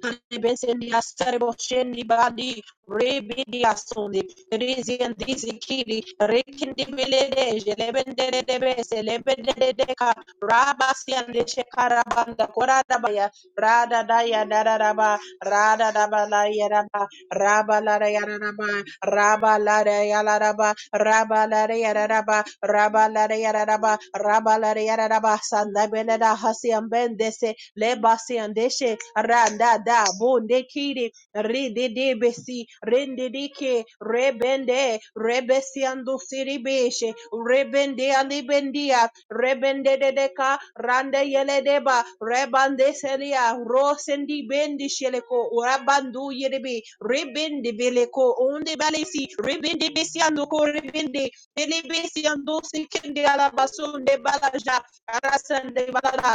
halebesendia serebo shendi badi, rebidia sundi, rizi and dizi kiri, rekindi belede, jelebendedede, selebendedede ka, rabasi and leche karabanda, koradabaya, radadaya dadadaba, radadabalayaraba, rabalarayaradaba, rabalarayalaraba, raba raba la raba raba la raba sanda belada hasian bendese leba siandeshe randa da bunde kiri rididibisi rindidike rebende rebesiandu siribeshe rebende alibendia rebendededeka rande yeledeba rebande selia rosendi bendi sheleko rabandu yerebi ribindi beleko undi balesi ribindi bisiandu ko ribindi Delibesi yandusi kindi alabasunde balaja arasande balala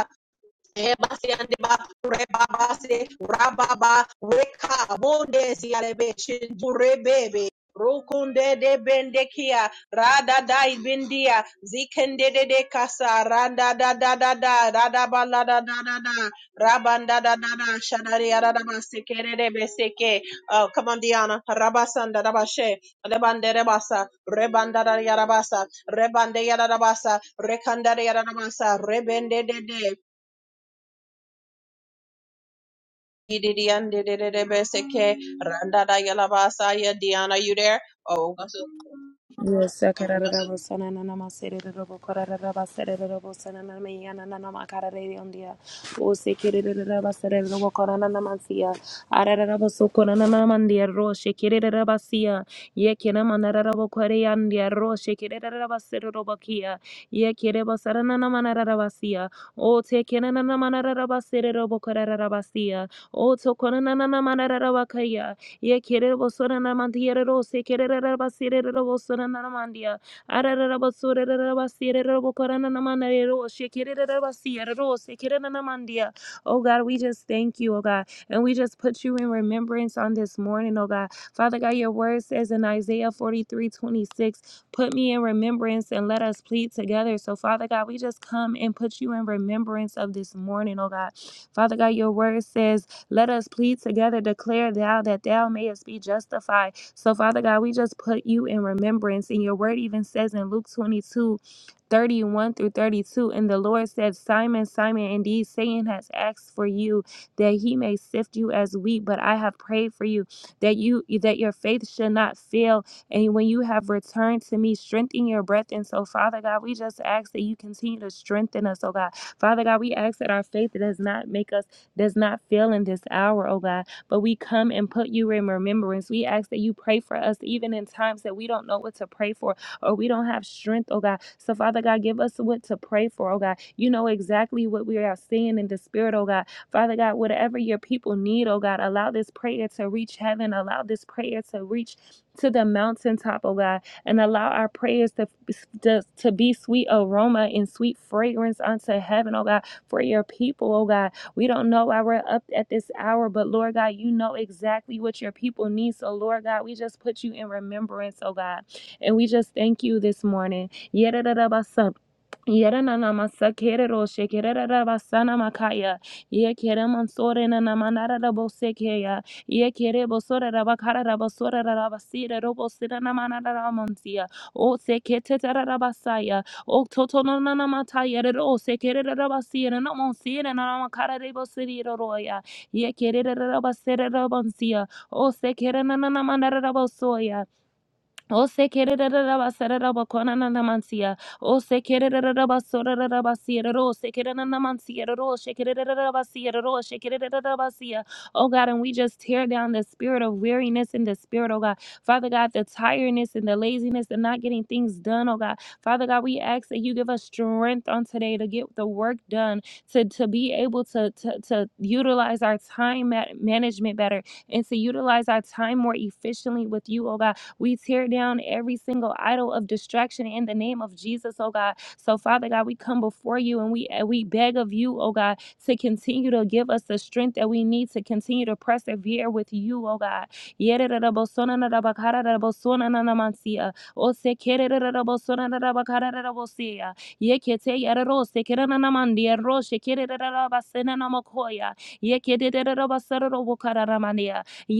Ebasiande ba, rebabase, rababa, reka, bonde sialebe, shindurebebe, rukunde de bendekia, rada da ibindia, zikende de de kasa, rada da da da da, rada balada da da da da, rabanda da da da, shanari rada ba sekere de beseke, oh, come on Diana, rabasanda rabashe, rebande rebasa, rebanda da yarabasa, rebande yarabasa, rekanda yarabasa, rebende de de, Didian Didibeseke randa randadayalabasaya. Dion, are you there? Oh, also, Yosa karara rabo sana na nama sere rabo karara sere rabo sana na me yana na nama Carare on dia. O se kere raba sere rabo karana nama sia. Arara rabo so ro she kere raba sia. Ye ro she kere raba sere rabo kia. O te kena sere rabo karara O to karana Ye kererebosoranamandiererose kerererabasiererebosoranaramandia. Arararabasorererabasiererebokorananamanarerose kerererabasiererose kereranamandia. Oh God, we just thank you, oh God. And we just put you in remembrance on this morning, oh God. Father God, your word says in Isaiah 43 26, put me in remembrance and let us plead together. So, Father God, we just come and put you in remembrance of this morning, oh God. Father God, your word says, let us plead together, declare thou that thou mayest be justified. So, Father God, we just put you in remembrance. And your word even says in Luke 22, 31 through 32, and the Lord said, Simon, Simon, indeed Satan has asked for you that he may sift you as wheat, but I have prayed for you that you that your faith should not fail. And when you have returned to me, strengthen your breath. And so, Father God, we just ask that you continue to strengthen us, oh God. Father God, we ask that our faith does not make us does not fail in this hour, oh God. But we come and put you in remembrance. We ask that you pray for us, even in times that we don't know what to pray for or we don't have strength, oh God. So, Father God, give us what to pray for, oh God. You know exactly what we are seeing in the spirit, oh God. Father God, whatever your people need, oh God, allow this prayer to reach heaven, allow this prayer to reach to the mountaintop, oh God, and allow our prayers to, to, to be sweet aroma and sweet fragrance unto heaven, oh God, for your people, oh God. We don't know why we're up at this hour, but Lord God, you know exactly what your people need. So, Lord God, we just put you in remembrance, oh God. And we just thank you this morning. Yedidabasa- Yedananamasakiriro shekirerabasanamakaya. Yekeremansorenanamanararabosekeya. Yekerebosorerabakararabasorerabasirerobosinanamanaramonsia. Oseketetarabasaya. O toto no na na mata yere ro se kere re ra ba si na mon si na na ma kara re bo si ro ro ya. Ye kere re ra ba se ra bon si ya. O se kere na na na ma na ra bo so ya. O se kere re re re ba se re re ba kona na na mansia. O se kere re re re ba so re re re ba si re ro se kere na na mansia re ro se kere re re re ba si re ro se kere re re re ba si. Oh God, and we just tear down the spirit of weariness and the spirit, oh God. Father God, the tiredness and the laziness and not getting things done, oh God. Father God, we ask that you give us strength on today to get the work done, to, to be able to, to, to utilize our time ma- management better and to utilize our time more efficiently with you, oh God. We tear down every single idol of distraction in the name of Jesus, oh God. So, Father God, we come before you and we and we beg of you, oh God, to continue to give us the strength that we need to continue to persevere with you, oh God. Yererebosonanabakararabosonananamansia. Osekererererabosonanabakararabosia. Yeketeyarerosekerananamandiaroshekerererabasenanamokoya. Yekererererobasererobokararamania. Oh,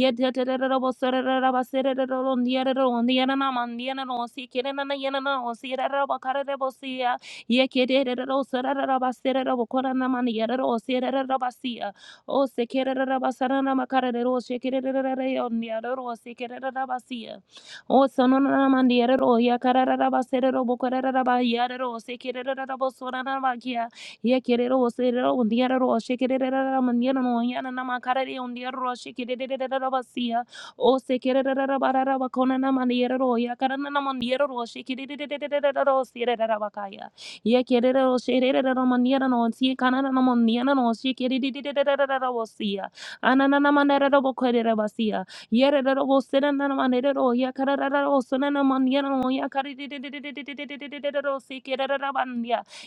ye kere ro oserere ondiara roshe kerere mandiara no yana nama karere ondiara roshe kerere basia o sekerere barara bakona nama ndiara roya karana nama ndiara roshe kerere rosere bakaya ye kerere oserere mandiara no onsi kanana nama ndiara no she kerere rosia anana nama ndara bokorere basia yere osere nama ndara roya karara osona nama ndiara no ya karere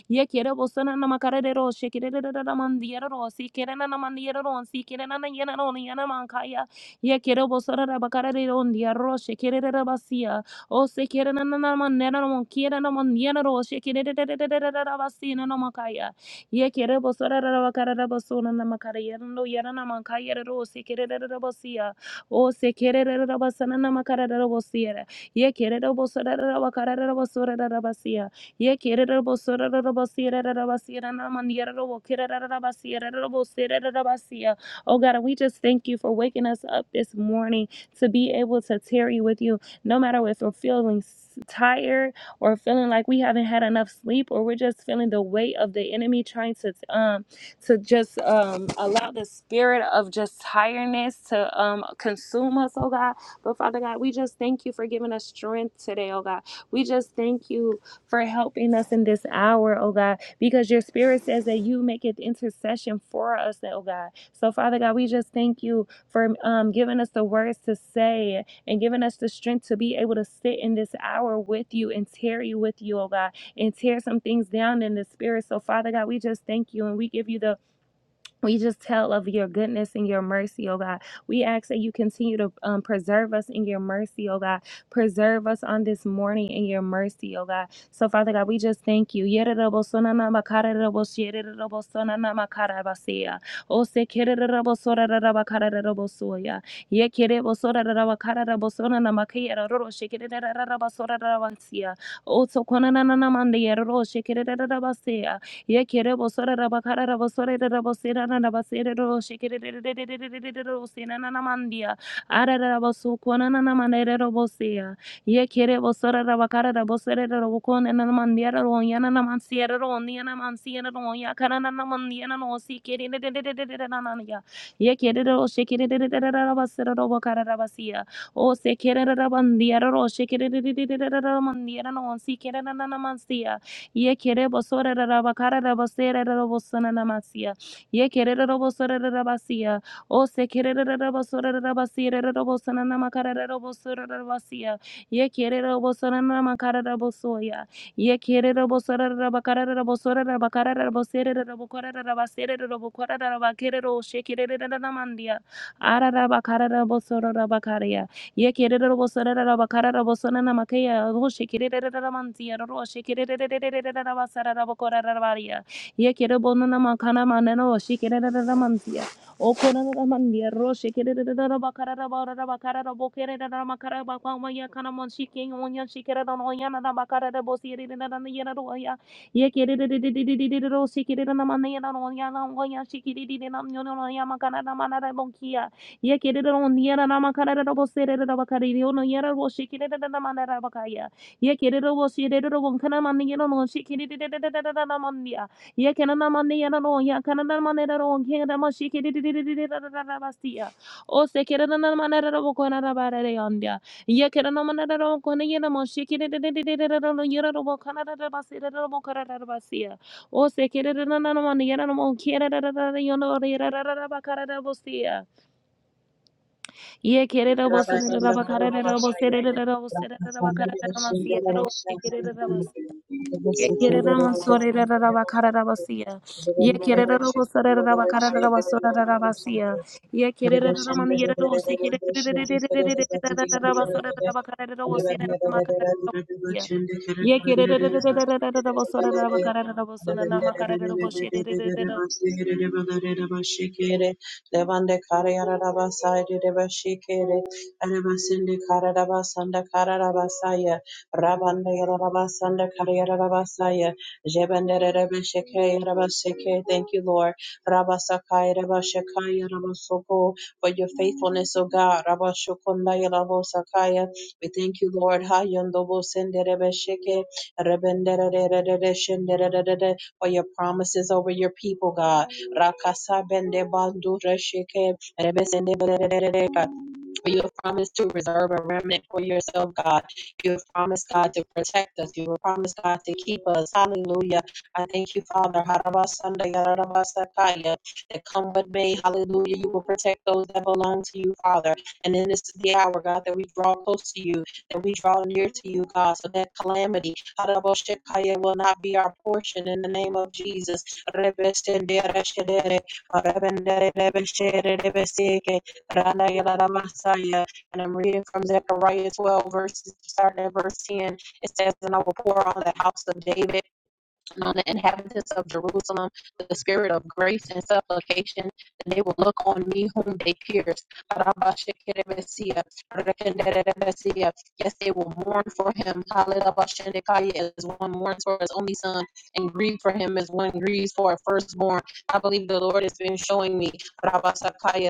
Ye kere bosana na makarere ro shekere da da da mandiere ro si kere na na mandiere ro si kere na na yena ro ni yana mankaya. Ye kere bosana na makarere ro ndiere ro shekere da da basia. O se kere na na na manena ro kere na mandiere ro shekere da da da da da da basina na makaya. Ye kere bosana na makarere bosona na makarere ro yana na mankaya ro se kere da da basia. O se kere da da basana na makarere ro bosiere. Ye kere da bosana na makarere ro bosora da da basia. Ye kererabasirerabasireranamaniererabokirerabasirerabosirerabasia. Oh God, and we just thank you for waking us up this morning to be able to tarry with you, no matter if we're feeling s- tired or feeling like we haven't had enough sleep or we're just feeling the weight of the enemy trying to um to just um allow the spirit of just tiredness to um consume us, oh God. But Father God, we just thank you for giving us strength today, oh God. We just thank you for helping us in this hour, oh God, because your spirit says that you make it intercession for us, oh God. So, Father God, we just thank you for um, giving us the words to say and giving us the strength to be able to sit in this hour with you and tear you with you, oh God, and tear some things down in the spirit. So, Father God, we just thank you and we give you the we just tell of your goodness and your mercy, oh God. We ask that you continue to um, preserve us in your mercy, oh God. Preserve us on this morning in your mercy, oh God. So, Father God, we just thank you. Yererobosananamakarerobosiererobosananamakarabasea. Ye kere bosora rabakara rabosore rabosera na rabasere ro shekere re re re ro sena na namandia. Ara rabosu kona na namanere robosia. Yekere bosora rabakara rabosere robokone na namandia ro yana na mansiera ro nia na mansiera ro yakara na namandia na no sikere na na ya. Yekere ro shekere rabasere robakara rabasia. O sekere rabandia ro shekere re re re re ramandia na no sikere na na namansia. Ye kere bosore raba kara raba sere raba sana namasia. Ye kere raba sore raba sia. O se kere raba sore raba sere raba sana namakara raba sore raba sia. Ye kere raba sana namakara raba soya. Ye kere raba sore raba kara raba sore raba kara raba sere raba kara raba sere raba kara raba kere ro she kere raba namandia. Ara raba kara raba sore raba kara Ye ye ye makana makana manena roşe kerere mantiya. o korara mandiya roşe kerere bakarara bakarara bakarara bokerere makara bakma ya kana monşi king onyan şikere don onyan da bakarara bosiyere dan yere roya. Ye kerere roşe kerere manena onyan onyan şikiri dinam yonon ya makana manara bonkiya. Yekereron Yaramakaraboserabakariono Yarabo Shikidamanarabakaya. Yekerebo Shirebo Kanamaniano Shikidamania. Yekanamaniano Yakanamanero Kingdom Shikidabastia. O Sekeranamanabokanabarayandia. Yekeranamanarokonayamo Shikidano Yarabo Kanadabasirabokarabastia. O Sekeranamaniano Kira Yono Yarabakarabosia. Ye kerere bo serere Rabasanda raba karere rabo Karamabashaya, serere rabo serere raba Rakasanda karere rama Rabashinda siyere ro ye Rabashaya, kerere raba ye kerere Rabasukanda rama sorere Rabashinda raba karere raba Rabashaya, siya ye Zerenda kerere robo serere raba karere Rabashaya, raba sorere raba siya Rabashaya, ye kerere rama ne yere ro se kerere raba sorere raba karere rabo serere raba karere rabo siya ye kerere raba sorere raba karere rabo sorere raba karere rabo Levande Kariaraba Side Devashikere, Arabasinde Kararaba Sanda Kararabasaya, Rabande Yaraba Sanda Kariarabasaya, Jebende Rebesheke Yarabaseke, thank you, Lord. Rabasakaya Rabashekaya Rabasoko for your faithfulness, O God. Rabba Shokondaya Labo Sakaya. We thank you, Lord. Hayondobo Senderebe Sheke, Rebenderererere Shendererere, For your promises over your people, God. Rakasa Bende Bandura Sheke, Rebe Senderererere. For you have promised to reserve a remnant for yourself, God. You have promised, God, to protect us. You have promised, God, to keep us. Hallelujah. I thank you, Father. Harabasanda yarabasakaya. That come with me. Hallelujah. You will protect those that belong to you, Father. And then this is the hour, God, that we draw close to you, that we draw near to you, God, so that calamity harabashakaya, will not be our portion in the name of Jesus. Rebeshendereshedere, rebendererebeshererebeseke. And I'm reading from Zechariah 12, verses starting at verse 10. It says, And I will pour on the house of David on the inhabitants of Jerusalem the spirit of grace and supplication, and they will look on me whom they pierced. Yes, they will mourn for him. Hallelujah. As one mourns for his only son, and grieve for him as one grieves for a firstborn. I believe the Lord has been showing me,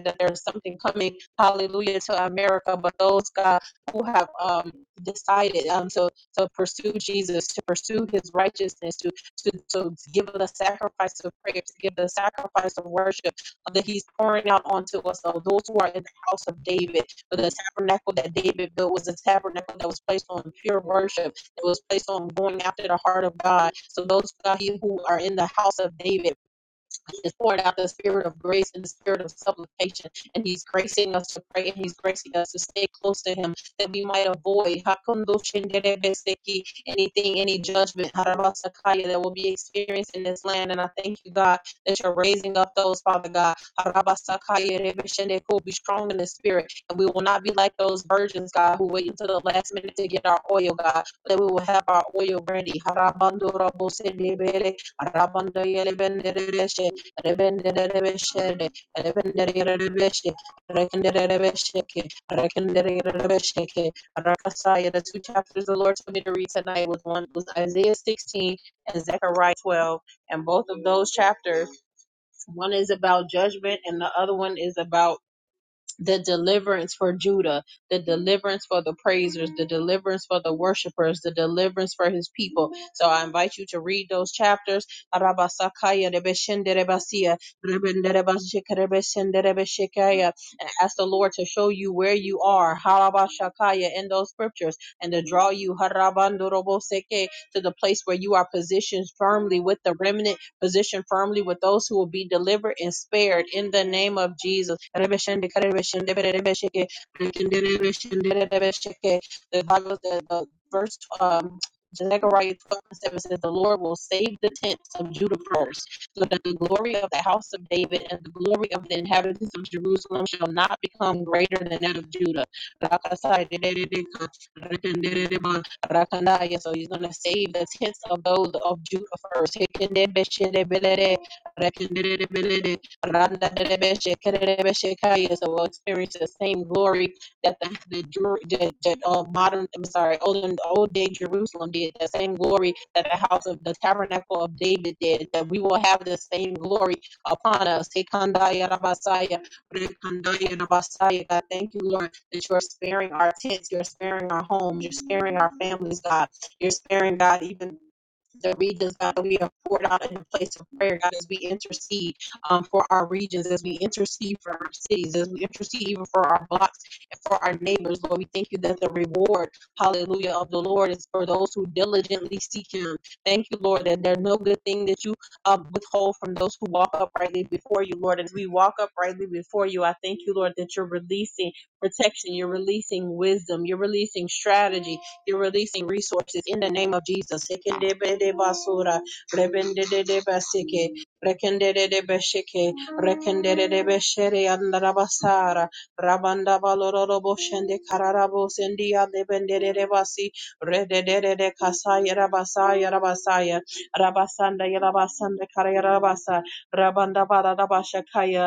that there's something coming, hallelujah, to America. But those, God, who have um, decided um, to, to pursue Jesus, to pursue his righteousness, to to, to give the sacrifice of prayer, to give the sacrifice of worship uh, that he's pouring out onto us. So those who are in the house of David, for the tabernacle that David built was a tabernacle that was placed on pure worship. It was placed on going after the heart of God. So those who are in the house of David, is poured out the spirit of grace and the spirit of supplication. And he's gracing us to pray and he's gracing us to stay close to him that we might avoid anything, any judgment harabasakaya, that will be experienced in this land. And I thank you, God, that you're raising up those, Father God. harabasakaya, rebeshendeko, Be strong in the spirit. And we will not be like those virgins, God, who wait until the last minute to get our oil, God, that we will have our oil ready. Harabandorabosendebele, harabandayelebenderebeshe, Rebenderebeshede, Rakasaya. The two chapters the Lord told me to read tonight was one was Isaiah 16 and Zechariah 12. And both of those chapters, one is about judgment and the other one is about the deliverance for Judah, the deliverance for the praisers, the deliverance for the worshipers, the deliverance for his people. So I invite you to read those chapters. Arabasakaya rebeshenderebasia, rebenderebashikerebeshenderebeshikaya, And ask the Lord to show you where you are harabashakaya, in those scriptures and to draw you harabandoroboseke, to the place where you are positioned firmly with the remnant Position firmly with those who will be delivered and spared in the name of Jesus. The Bible, the, the verse, um, Zechariah 12 and 7 says, The Lord will save the tents of Judah first, so that the glory of the house of David and the glory of the inhabitants of Jerusalem shall not become greater than that of Judah. Rakanaya. So he's going to save the tents of those of Judah first. Hekendebeshelebelede, rekendelebelede, randadelebeshe, kendelebeshekaya. So we'll experience the same glory that the, the, Jer- the, the uh, modern, I'm sorry, old, old day Jerusalem did, the same glory that the house of the tabernacle of David did, that we will have the same glory upon us. Hekandaya rabasaya, rekandaya rabasaya. God, thank you, Lord that you are sparing our tents, you're sparing our homes, you're sparing our families, God. You're sparing, God, even the regions, God, that we have poured out in the place of prayer, God, as we intercede um, for our regions, as we intercede for our cities, as we intercede even for our blocks and for our neighbors, Lord. We thank you that the reward, hallelujah, of the Lord is for those who diligently seek Him. Thank you, Lord, that there's no good thing that you uh, withhold from those who walk uprightly before you, Lord. As we walk uprightly before you, I thank you, Lord, that you're releasing protection. You're releasing wisdom. You're releasing strategy. You're releasing resources in the name of Jesus. Sekendebedebasura,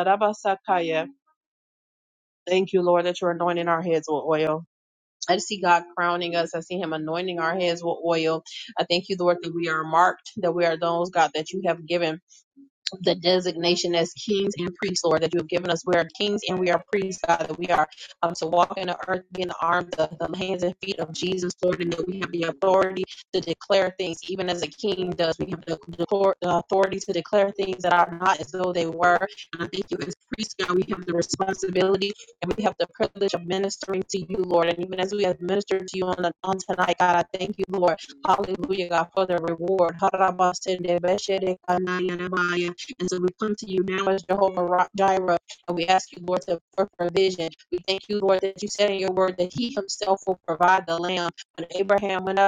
rabasakaya. Thank you, Lord, that you're anointing our heads with oil. I see God crowning us. I see Him anointing our heads with oil. I thank you, Lord, that we are marked, that we are those, God, that you have given the designation as kings and priests, Lord, that you have given us. We are kings and we are priests, God, that we are um, to walk in the earth, be in the arms, the, the hands and feet of Jesus, Lord, and that we have the authority to declare things, even as a king does. We have the, the authority to declare things that are not as though they were. And I thank you, as priests, God, we have the responsibility and we have the privilege of ministering to you, Lord. And even as we have ministered to you on, on tonight, God, I thank you, Lord. Hallelujah, God, for the reward. And so we come to you now as Jehovah Jireh, and we ask you, Lord, to for provision. We thank you, Lord, that you said in your word that He Himself will provide the lamb. When Abraham went up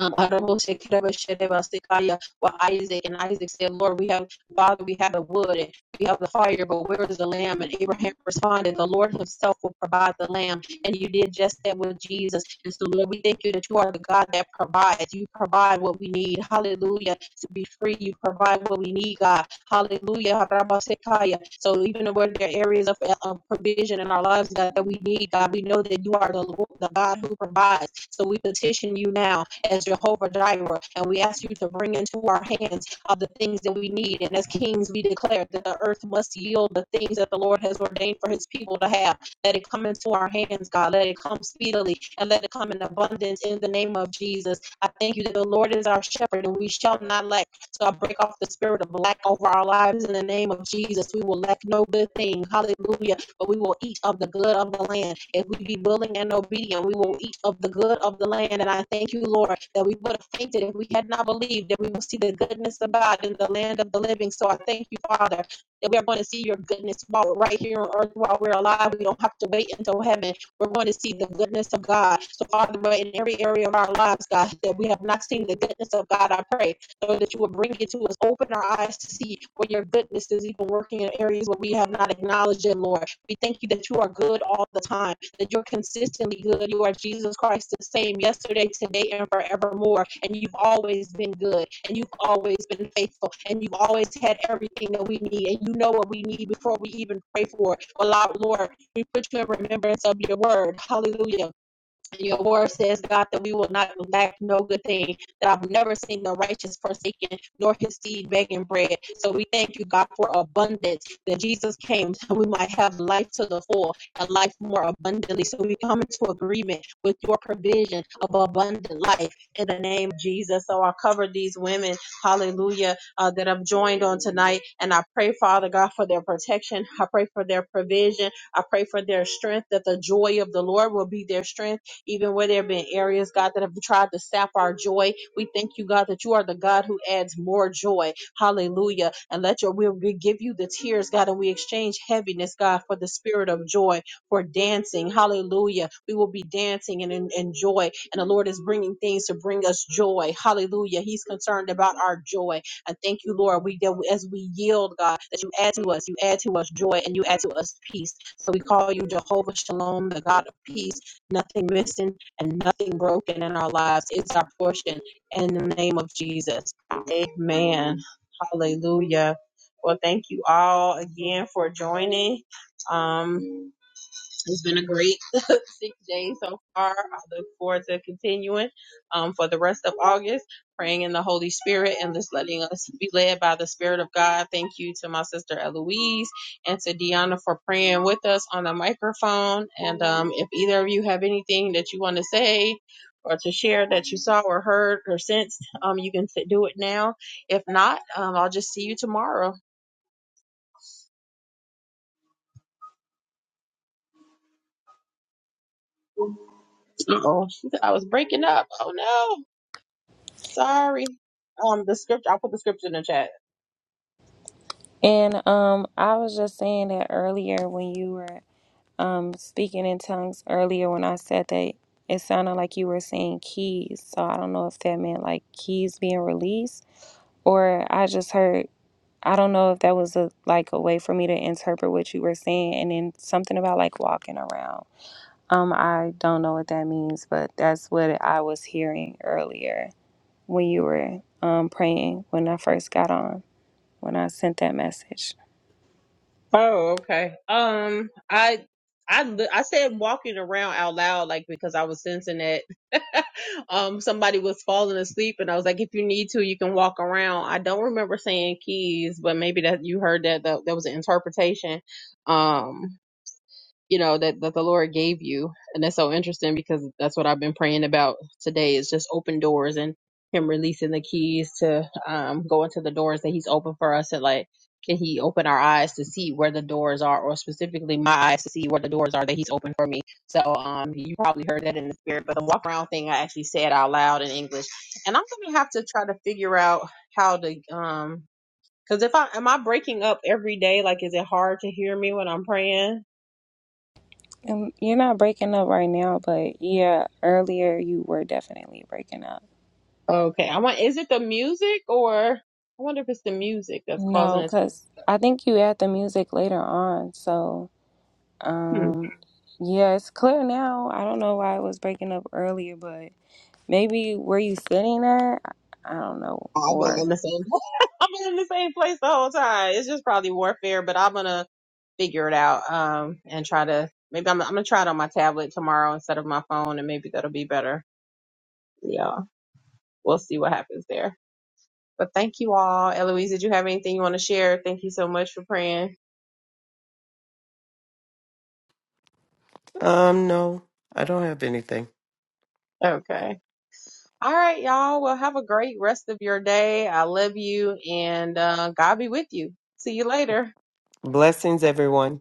um, Adamoshe, Kedabashere, Basikaya, with Isaac, and Isaac said, Lord, we have, Father, we have the wood and we have the fire, but where is the lamb? And Abraham responded, The Lord Himself will provide the lamb. And you did just that with Jesus. And so, Lord, we thank you that you are the God that provides. You provide what we need. Hallelujah. To be free, you provide what we need, God. Hallelujah. Rabasekaya. So, even where there are areas of, of provision in our lives, God, that we need, God, we know that you are the, Lord, the God who provides. So, we petition you now as Jehovah Jireh. And we ask you to bring into our hands of the things that we need. And as kings, we declare that the earth must yield the things that the Lord has ordained for his people to have. Let it come into our hands, God. Let it come speedily and let it come in abundance in the name of Jesus. I thank you that the Lord is our shepherd and we shall not lack. So I break off the spirit of lack over our lives in the name of Jesus. We will lack no good thing. Hallelujah but we will eat of the good of the land. If we be willing and obedient, we will eat of the good of the land. And I thank you, Lord, that we would have fainted if we had not believed that we will see the goodness of God in the land of the living. So I thank you, Father, that we are going to see your goodness while we're right here on earth, while we're alive. We don't have to wait until heaven. We're going to see the goodness of God. So, Father, in every area of our lives, God, that we have not seen the goodness of God, I pray so that you will bring it to us. Open our eyes to see where your goodness is even working in areas where we have not acknowledged it, Lord. We thank you that you are good all the time, that you're consistently good. You are Jesus Christ, the same yesterday, today, and forevermore. And you've always been good, and you've always been faithful, and you've always had everything that we need. And you know what we need before we even pray for it. Well, Lord, Lord, we put you in remembrance of your word. Hallelujah your word says, God, that we will not lack no good thing, that I've never seen the righteous forsaken, nor his seed begging bread. So we thank you, God, for abundance, that Jesus came so we might have life to the full, a life more abundantly. So we come into agreement with your provision of abundant life in the name of Jesus. So I cover these women, hallelujah, uh, that have joined on tonight. And I pray, Father God, for their protection. I pray for their provision. I pray for their strength, that the joy of the Lord will be their strength even where there have been areas, God, that have tried to sap our joy. We thank you, God, that you are the God who adds more joy. Hallelujah. And let your will we give you the tears, God, and we exchange heaviness, God, for the spirit of joy, for dancing. Hallelujah. We will be dancing and in, in joy. And the Lord is bringing things to bring us joy. Hallelujah. He's concerned about our joy. I thank you, Lord. We that we- as we yield, God, that you add to us, you add to us joy, and you add to us peace. So we call you Jehovah Shalom, the God of peace nothing missing and nothing broken in our lives. It's our portion in the name of Jesus. Amen. Hallelujah. Well, thank you all again for joining. Um, it's been a great six days so far. I look forward to continuing um, for the rest of August, praying in the Holy Spirit and just letting us be led by the Spirit of God. Thank you to my sister Eloise and to Deanna for praying with us on the microphone. And um, if either of you have anything that you want to say, or to share that you saw or heard or sensed, um, you can sit- do it now. If not, um, I'll just see you tomorrow. Oh, I was breaking up. Oh no, sorry. Um, the script. I'll put the scripture in the chat. And um, I was just saying that earlier when you were um speaking in tongues earlier when I said that it sounded like you were saying keys. So I don't know if that meant like keys being released or I just heard I don't know if that was a like a way for me to interpret what you were saying and then something about like walking around. Um I don't know what that means, but that's what I was hearing earlier when you were um praying when I first got on when I sent that message. Oh, okay. Um, I, I, li- I said walking around out loud, like because I was sensing that, um, somebody was falling asleep, and I was like, if you need to, you can walk around. I don't remember saying keys, but maybe that you heard that that, that was an interpretation. Um, you know that that the lord gave you and that's so interesting because that's what i've been praying about today is just open doors and him releasing the keys to um go into the doors that he's open for us and like can he open our eyes to see where the doors are or specifically my eyes to see where the doors are that he's open for me so um you probably heard that in the spirit but the walk around thing i actually said out loud in english and i'm gonna have to try to figure out how to um because if i am i breaking up every day like is it hard to hear me when i'm praying Um, you're not breaking up right now, but yeah, earlier you were definitely breaking up. Okay. I want, is it the music or I wonder if it's the music that's causing No, it. because I think you add the music later on. So, Hmm. um, yeah, it's clear now. I don't know why it was breaking up earlier, but maybe where you sitting at? I I don't know. I've been Or. in the same, I've been in the same place the whole time. It's just probably warfare, but I'm going to figure it out. Um, and try to, maybe I'm, I'm going to try it on my tablet tomorrow instead of my phone and maybe that'll be better. Yeah. We'll see what happens there. But thank you all. Eloise, did you have anything you want to share? Thank you so much for praying. Um, no, I don't have anything. Okay. All right, y'all. Well, have a great rest of your day. I love you and uh, God be with you. See you later. Blessings, everyone.